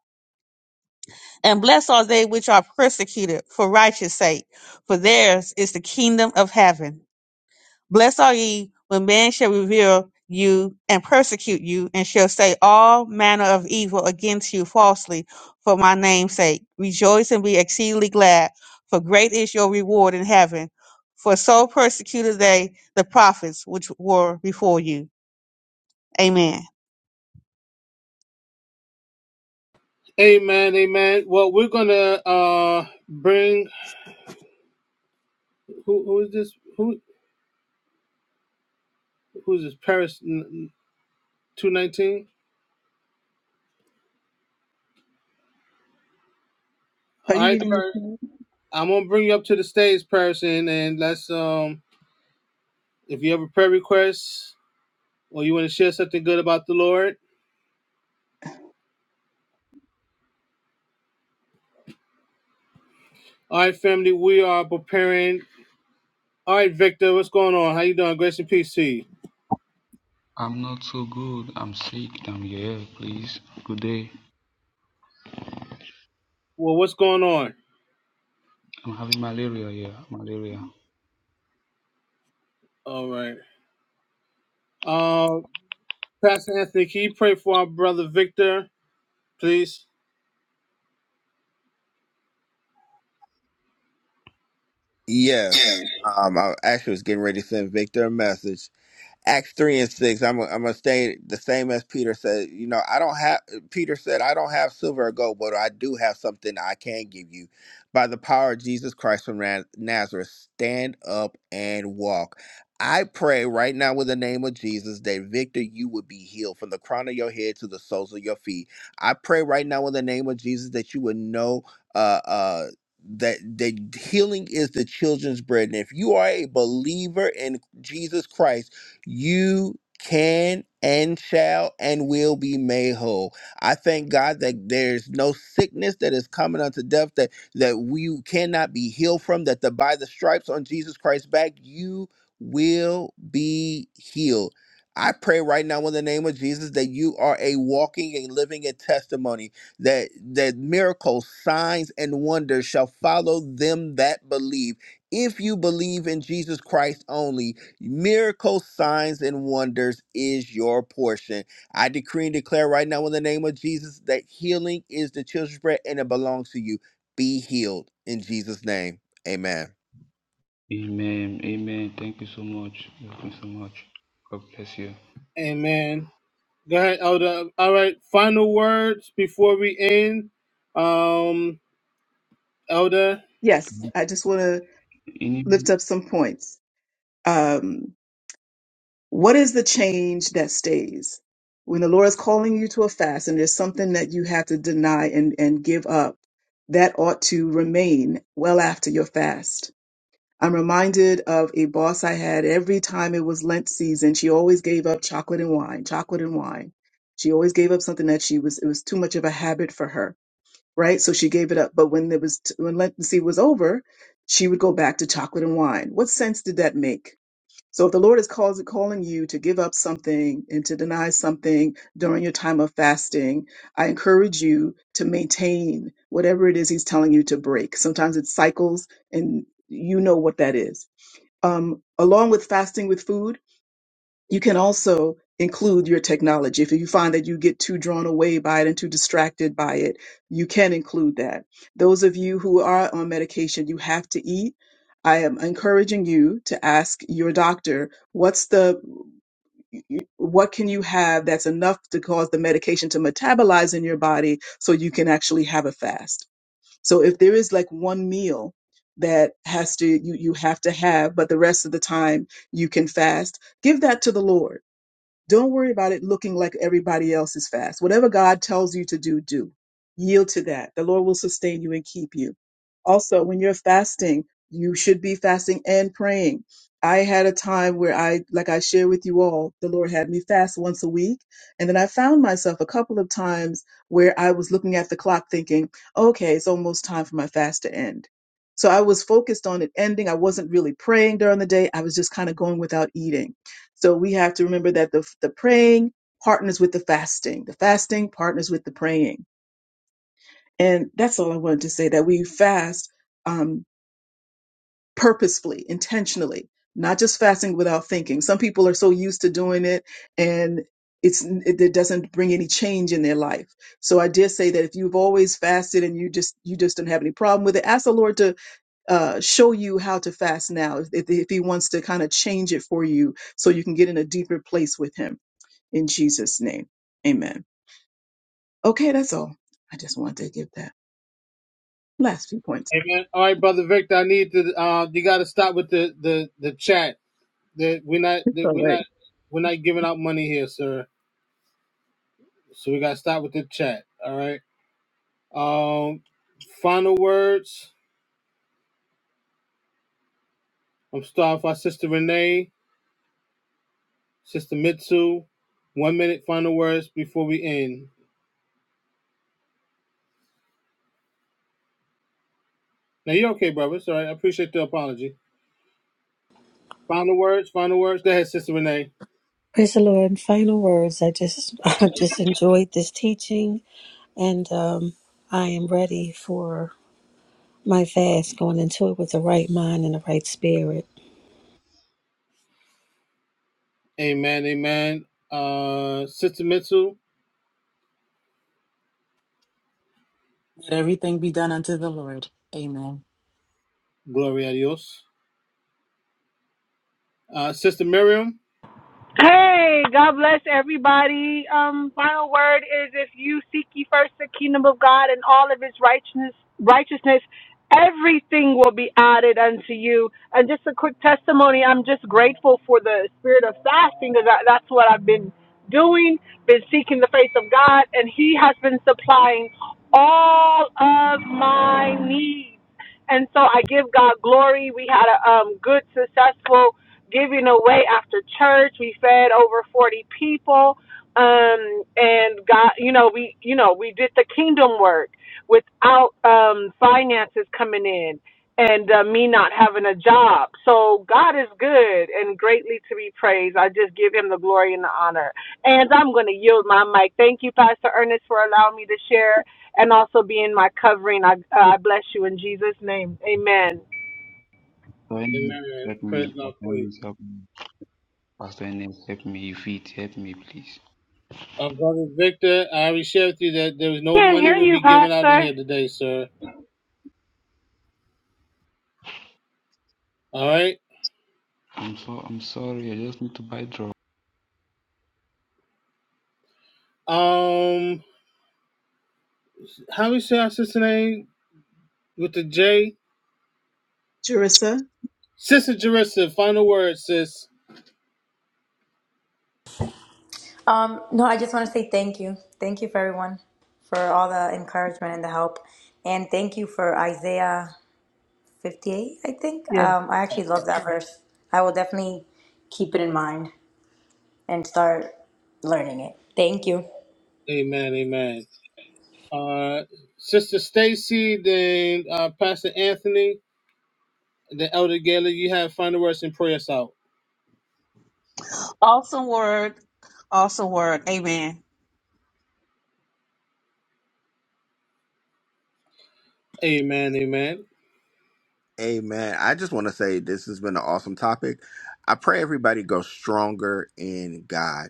S2: And blessed are they which are persecuted for righteousness' sake, for theirs is the kingdom of heaven. Blessed are ye when men shall revile you and persecute you, and shall say all manner of evil against you falsely for my name's sake. Rejoice and be exceedingly glad, for great is your reward in heaven. For so persecuted they the prophets which were before you. Amen.
S1: Amen. Amen. Well, we're gonna uh bring who who is this? Who who's this? Paris two nineteen.
S3: are
S1: All
S3: you
S1: right,
S3: reading the
S1: Paris.
S3: chat?
S1: I'm gonna bring you up to the stage, Paris, and, and let's um If you have a prayer request or you want to share something good about the Lord, all right, family, we are preparing. All right, Victor, what's going on? How you doing? Grace and peace to you.
S10: I'm not so good. I'm sick. Damn yeah, please. Good day.
S1: Well, what's going on?
S10: I'm having malaria. Yeah, malaria.
S1: All right. Uh, Pastor Anthony, can you pray for our brother Victor, please?
S4: Yes. Um, I actually was getting ready to send Victor a message Acts 3 and 6, I'm i am going to stay the same as Peter said. You know, I don't have, Peter said, I don't have silver or gold, but I do have something I can give you. By the power of Jesus Christ from Naz- Nazareth, stand up and walk. I pray right now with the name of Jesus that Victor, you would be healed from the crown of your head to the soles of your feet. I pray right now in the name of Jesus that you would know, uh, uh, that that healing is the children's bread and if you are a believer in jesus christ you can and shall and will be made whole. I thank God that there's no sickness that is coming unto death that that we cannot be healed from that the by the stripes on Jesus Christ's back you will be healed. I pray right now in the name of Jesus that you are a walking and living a testimony that that miracles, signs and wonders shall follow them that believe. If you believe in Jesus Christ only, Miracles, signs, and wonders is your portion. I decree and declare right now in the name of Jesus that healing is the children's bread and it belongs to you. Be healed in Jesus' name. Amen.
S10: Amen. Amen. Thank you so much. Thank you so much. God bless you.
S1: Amen. Go ahead, Elder. All right, final words before we end. Um, Elder.
S3: Yes, I just want to
S10: Any
S3: lift up some points. Um, what is the change that stays? When the Lord is calling you to a fast and there's something that you have to deny and, and give up, that ought to remain well after your fast I'm reminded of a boss I had every time it was Lent season. She always gave up chocolate and wine, chocolate and wine. She always gave up something that she was, it was too much of a habit for her, right? So she gave it up. But when it was, when Lent season was over, she would go back to chocolate and wine. What sense did that make? So if the Lord is calls, calling you to give up something and to deny something during your time of fasting, I encourage you to maintain whatever it is he's telling you to break. Sometimes it's cycles and you know what that is um, along with fasting with food, you can also include your technology. If you find that you get too drawn away by it and too distracted by it, you can include that. Those of you who are on medication, you have to eat. I am encouraging you to ask your doctor, what's the what can you have that's enough to cause the medication to metabolize in your body so you can actually have a fast? So if there is like one meal that has to you you have to have, but the rest of the time you can fast, give that to the Lord don't worry about it looking like everybody else's fast. Whatever God tells you to do, do. Yield to that. The Lord will sustain you and keep you. Also, when you're fasting, you should be fasting and praying. I had a time where I, like I share with you all, the Lord had me fast once a week. And then I found myself a couple of times where I was looking at the clock thinking, okay, it's almost time for my fast to end. So I was focused on it ending. I wasn't really praying during the day. I was just kind of going without eating. So we have to remember that the, the praying partners with the fasting, the fasting partners with the praying. And that's all I wanted to say that we fast um, purposefully, intentionally, not just fasting without thinking. Some people are so used to doing it and it's, it, it doesn't bring any change in their life. So I did say that if you've always fasted and you just, you just don't have any problem with it, ask the Lord to uh, show you how to fast now. If, if he wants to kind of change it for you so you can get in a deeper place with him in Jesus' name. Amen. Okay, that's all. I just wanted to give that last few points.
S1: Amen. All right, brother Victor, I need to. Uh, you got to stop with the the the chat. that we're not
S3: It's
S1: that
S3: all
S1: we're
S3: right.
S1: not we're not giving out money here, sir. So we gotta stop with the chat. All right. Um final words. I'm starting with our sister Renee, sister Mitsu. One minute final words before we end. Now you're okay, brother. It's all right. I appreciate the apology. Final words, final words. Go ahead, sister Renee.
S6: Praise the Lord. Final words. I just I just enjoyed this teaching, and um, I am ready for my fast, going into it with the right mind and the right spirit.
S1: Amen, amen. Uh sister Mitsu,
S7: Let everything be done unto the Lord. Amen.
S1: glory a Dios. Uh sister Miriam.
S9: Hey, God bless everybody. Um, final word is if you seek ye first the kingdom of God and all of his righteousness righteousness, everything will be added unto you. And just a quick testimony, I'm just grateful for the spirit of fasting because that, that's what I've been doing, been seeking the face of God, and he has been supplying all of my needs. And so I give God glory. We had a um, good, successful giving away after church. We fed over 40 people. Um, and God, you know, we, you know, we did the kingdom work without um, finances coming in and uh, me not having a job. So God is good and greatly to be praised. I just give him the glory and the honor. And I'm going to yield my mic. Thank you, Pastor Ernest, for allowing me to share and also being my covering. I, uh, I bless you in Jesus' name. Amen.
S10: Pastor Enes,
S1: Amen.
S10: help
S1: Praise
S10: me.
S1: God
S10: Pastor
S1: for you.
S10: Enes, help me. Pastor Enes, help me. If it help me, please.
S1: Uh, Brother Victor, I already shared with you that there was no
S9: Can't
S1: money
S9: hear
S1: will
S9: you,
S1: be given out in
S9: Pastor.
S1: here today, sir. All right.
S10: I'm so I'm sorry. I just need to buy drugs.
S1: Um, how we say our sister name with the J?
S3: Jerissa,
S1: Sister Jerissa, final word, sis.
S8: Um, no, I just want to say thank you. Thank you for everyone for all the encouragement and the help. And thank you for Isaiah 58, I think.
S3: yeah.
S8: Um, I actually love that verse. I will definitely keep it in mind and start learning it. Thank you.
S1: Amen, amen. Uh, Sister Stacy, then uh, Pastor Anthony, the Elder Gaylor, you have final words and prayers out.
S2: Awesome word. Awesome word. Amen.
S1: Amen, amen.
S4: Amen. I just want to say this has been an awesome topic. I pray everybody goes stronger in God.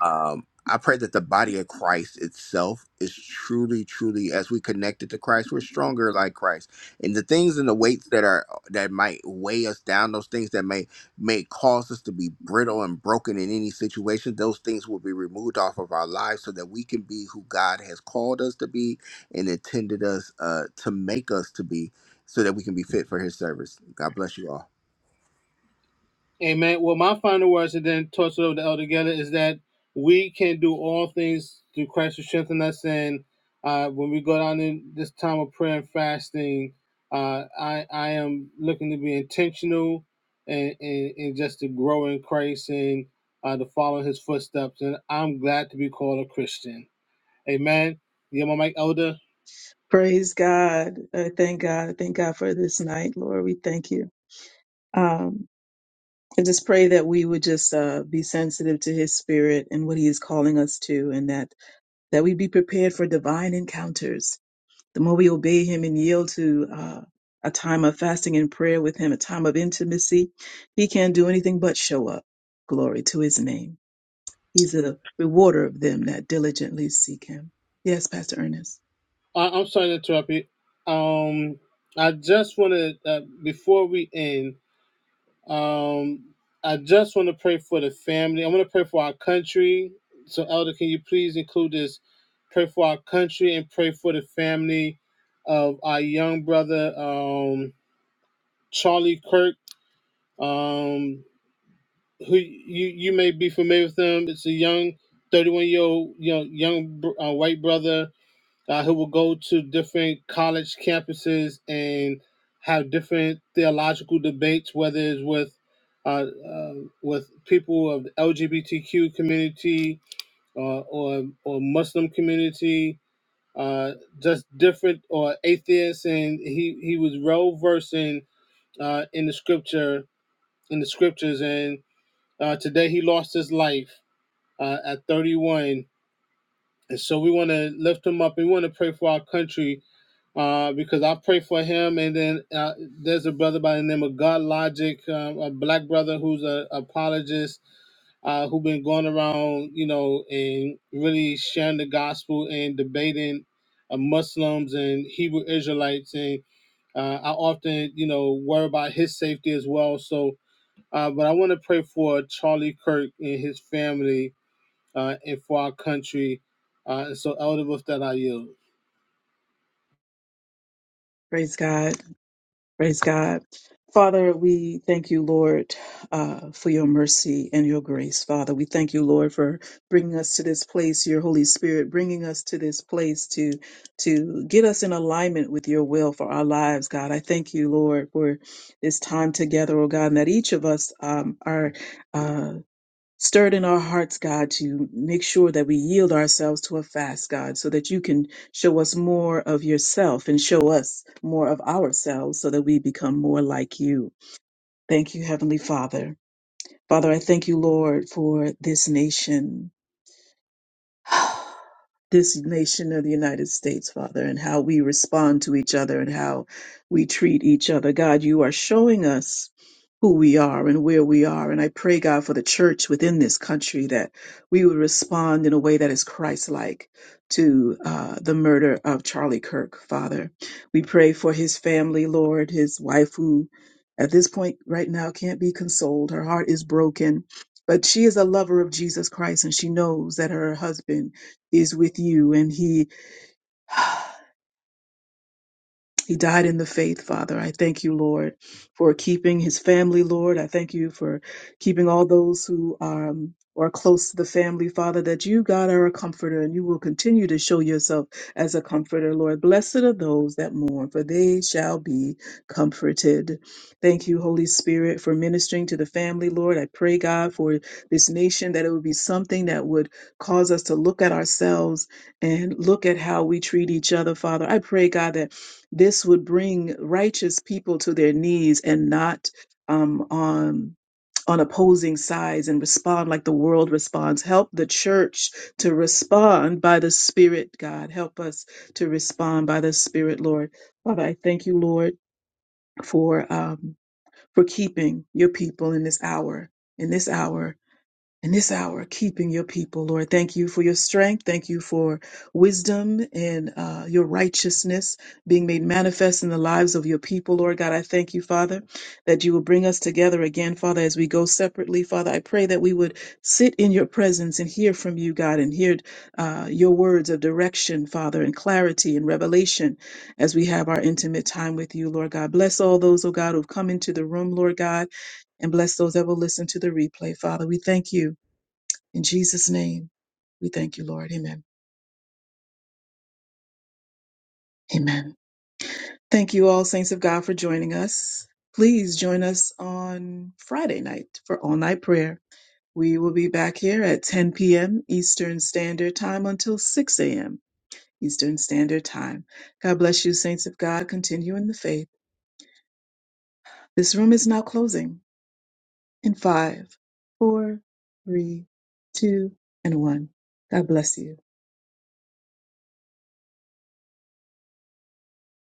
S4: Um, I pray that the body of Christ itself is truly, truly, as we connected to Christ, we're stronger like Christ. And the things and the weights that are that might weigh us down, those things that may may cause us to be brittle and broken in any situation, those things will be removed off of our lives so that we can be who God has called us to be and intended us uh, to make us to be so that we can be fit for his service. God bless you all.
S1: Amen. Well, my final words, and then toss it over to Elder Geller, is that we can do all things through Christ who strengthen us. And uh, when we go down in this time of prayer and fasting, uh, I I am looking to be intentional and, and, and just to grow in Christ and uh, to follow His footsteps. And I'm glad to be called a Christian. Amen. Yeah, my mic, Elder.
S3: Praise God. I thank God. I thank God for this night, Lord. We thank you. Um, and just pray that we would just uh, be sensitive to his spirit and what he is calling us to, and that, that we be prepared for divine encounters. The more we obey him and yield to uh, a time of fasting and prayer with him, a time of intimacy, he can't do anything but show up. Glory to his name. He's a rewarder of them that diligently seek him. Yes, Pastor Ernest.
S1: Uh, I'm sorry to interrupt you. Um, I just want to uh, before we end. Um, I just want to pray for the family. I want to pray for our country. So, Elder, can you please include this? Pray for our country and pray for the family of our young brother, um, Charlie Kirk, um, who you, you may be familiar with him. It's a young, 31 year old young, young uh, white brother uh, he will go to different college campuses and have different theological debates, whether it's with uh, uh, with people of the LGBTQ community uh, or or Muslim community, uh, just different or atheists, and he he was well versed in uh, in the scripture in the scriptures, and uh, today he lost his life uh, at 31 and so we want to lift him up. We want to pray for our country uh, because I pray for him. And then uh, there's a brother by the name of God Logic, um, a black brother who's an apologist uh, who been going around, you know, and really sharing the gospel and debating uh, Muslims and Hebrew Israelites. And uh, I often, you know, worry about his safety as well. So, uh, but I want to pray for Charlie Kirk and his family uh, and for our country. Uh, and so, Elder, with that, I yield.
S3: Praise God. Praise God. Father, we thank you, Lord, uh, for your mercy and your grace. Father, we thank you, Lord, for bringing us to this place, your Holy Spirit, bringing us to this place to, to get us in alignment with your will for our lives, God. I thank you, Lord, for this time together, oh God, and that each of us um, are. uh, stirred in our hearts, God, to make sure that we yield ourselves to a fast, God, so that you can show us more of yourself and show us more of ourselves so that we become more like you. Thank you, Heavenly Father. Father, I thank you, Lord, for this nation. this nation of the United States, Father, and how we respond to each other and how we treat each other. God, you are showing us who we are and where we are. And I pray, God, for the church within this country that we would respond in a way that is Christ like to uh, the murder of Charlie Kirk, Father. We pray for his family, Lord, his wife, who at this point right now can't be consoled. Her heart is broken. But she is a lover of Jesus Christ and she knows that her husband is with you and he He died in the faith, Father. I thank you, Lord, for keeping his family, Lord. I thank you for keeping all those who um, are close to the family, Father, that you, God, are a comforter and you will continue to show yourself as a comforter, Lord. Blessed are those that mourn, for they shall be comforted. Thank you, Holy Spirit, for ministering to the family, Lord. I pray, God, for this nation that it would be something that would cause us to look at ourselves and look at how we treat each other, Father. I pray, God, that this would bring righteous people to their knees and not um, on on opposing sides and respond like the world responds. Help the church to respond by the Spirit, God. Help us to respond by the Spirit, Lord. Father, I thank you, Lord, for um, for keeping your people in this hour. In this hour, in this hour, keeping your people, Lord. Thank you for your strength. Thank you for wisdom and uh, your righteousness being made manifest in the lives of your people, Lord God. I thank you, Father, that you will bring us together again, Father, as we go separately. Father, I pray that we would sit in your presence and hear from you, God, and hear uh, your words of direction, Father, and clarity and revelation as we have our intimate time with you, Lord God. Bless all those, oh God, who've come into the room, Lord God, and bless those that will listen to the replay, Father. We thank you in Jesus' name, we thank you, Lord. Amen. Amen. Thank you all, saints of God, for joining us. Please join us on Friday night for all night prayer. We will be back here at 10 p.m. Eastern Standard Time until 6 a.m. Eastern Standard Time. God bless you, saints of God. Continue in the faith. This room is now closing in five, four, three, two, and one. God bless you.